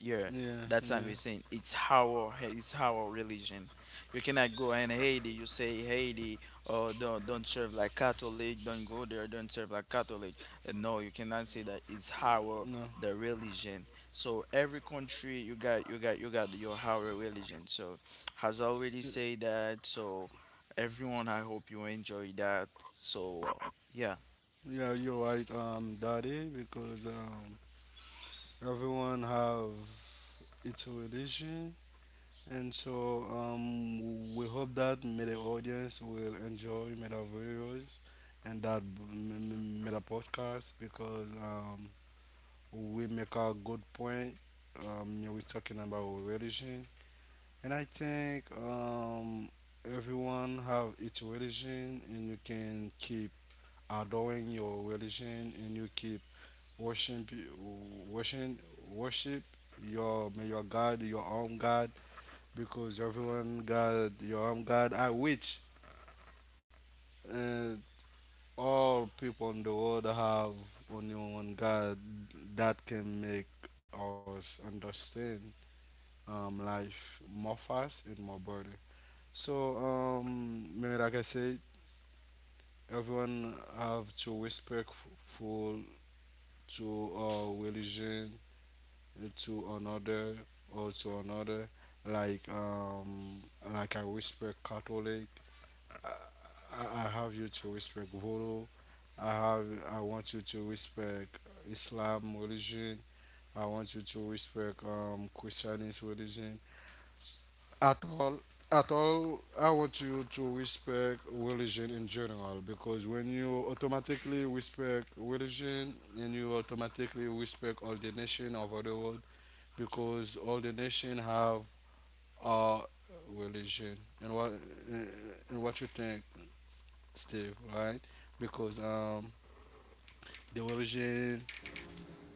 [SPEAKER 2] Yeah,
[SPEAKER 3] Yeah,
[SPEAKER 2] that's what
[SPEAKER 3] yeah.
[SPEAKER 2] we're saying. It's our hey, it's our religion. You cannot go in Haiti. You say Haiti, oh, don't serve like Catholic. Don't go there. Don't serve like Catholic. No, you cannot say that. It's
[SPEAKER 3] No,
[SPEAKER 2] our the religion. So every country you got, you got your our religion. So has
[SPEAKER 3] you-
[SPEAKER 2] already said that. So everyone, I hope you enjoy that. So yeah.
[SPEAKER 3] yeah, you're right, um, Daddy, because everyone have its religion, and so we hope that may the audience will enjoy meta videos and that meta podcast, because we make a good point. Yeah, we're talking about religion, and I think everyone have its religion, and you can keep adoring your religion, and you keep worship, worship, worship your may your God, your own God, because everyone God, your own God. I which uh, all people in the world have only one God that can make us understand life more fast and more better. So, maybe like I said, everyone have to respectful to religion, to another or to another. Like um, like I respect Catholic. I, I have you to respect Voodoo. I want you to respect Islam religion. I want you to respect Christianist religion. at all at all, I want you to respect religion in general, because when you automatically respect religion, then you automatically respect all the nation over the world, because all the nation have a religion. And what and what you think, Steve? Right? Because the religion,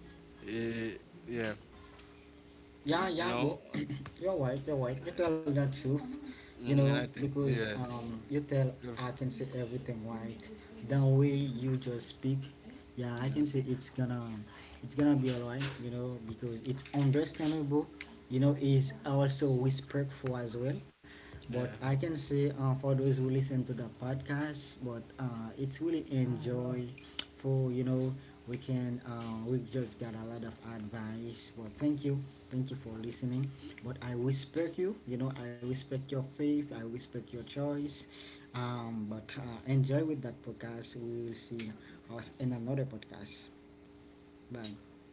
[SPEAKER 3] eh, yeah, you
[SPEAKER 1] Yeah,
[SPEAKER 3] know.
[SPEAKER 1] yeah, bro. [clears throat] You're right, you're right. You tell the truth, you
[SPEAKER 3] Mhm, and I
[SPEAKER 1] know,
[SPEAKER 3] think
[SPEAKER 1] because
[SPEAKER 3] yes.
[SPEAKER 1] you tell,
[SPEAKER 3] if-
[SPEAKER 1] I can say, everything right. The way you just speak, yeah, I
[SPEAKER 3] yeah,
[SPEAKER 1] can say it's gonna be alright, you know, because it's understandable, you know, is also respectful as well. But I
[SPEAKER 3] yeah.
[SPEAKER 1] can say, for those who listen to the podcast, but it's really enjoy for, you know, we can, we just got a lot of advice. But thank you, thank you for listening. But I respect you, you know, I respect your faith, I respect your choice. But enjoy with that podcast. We will see us in another podcast. Bye.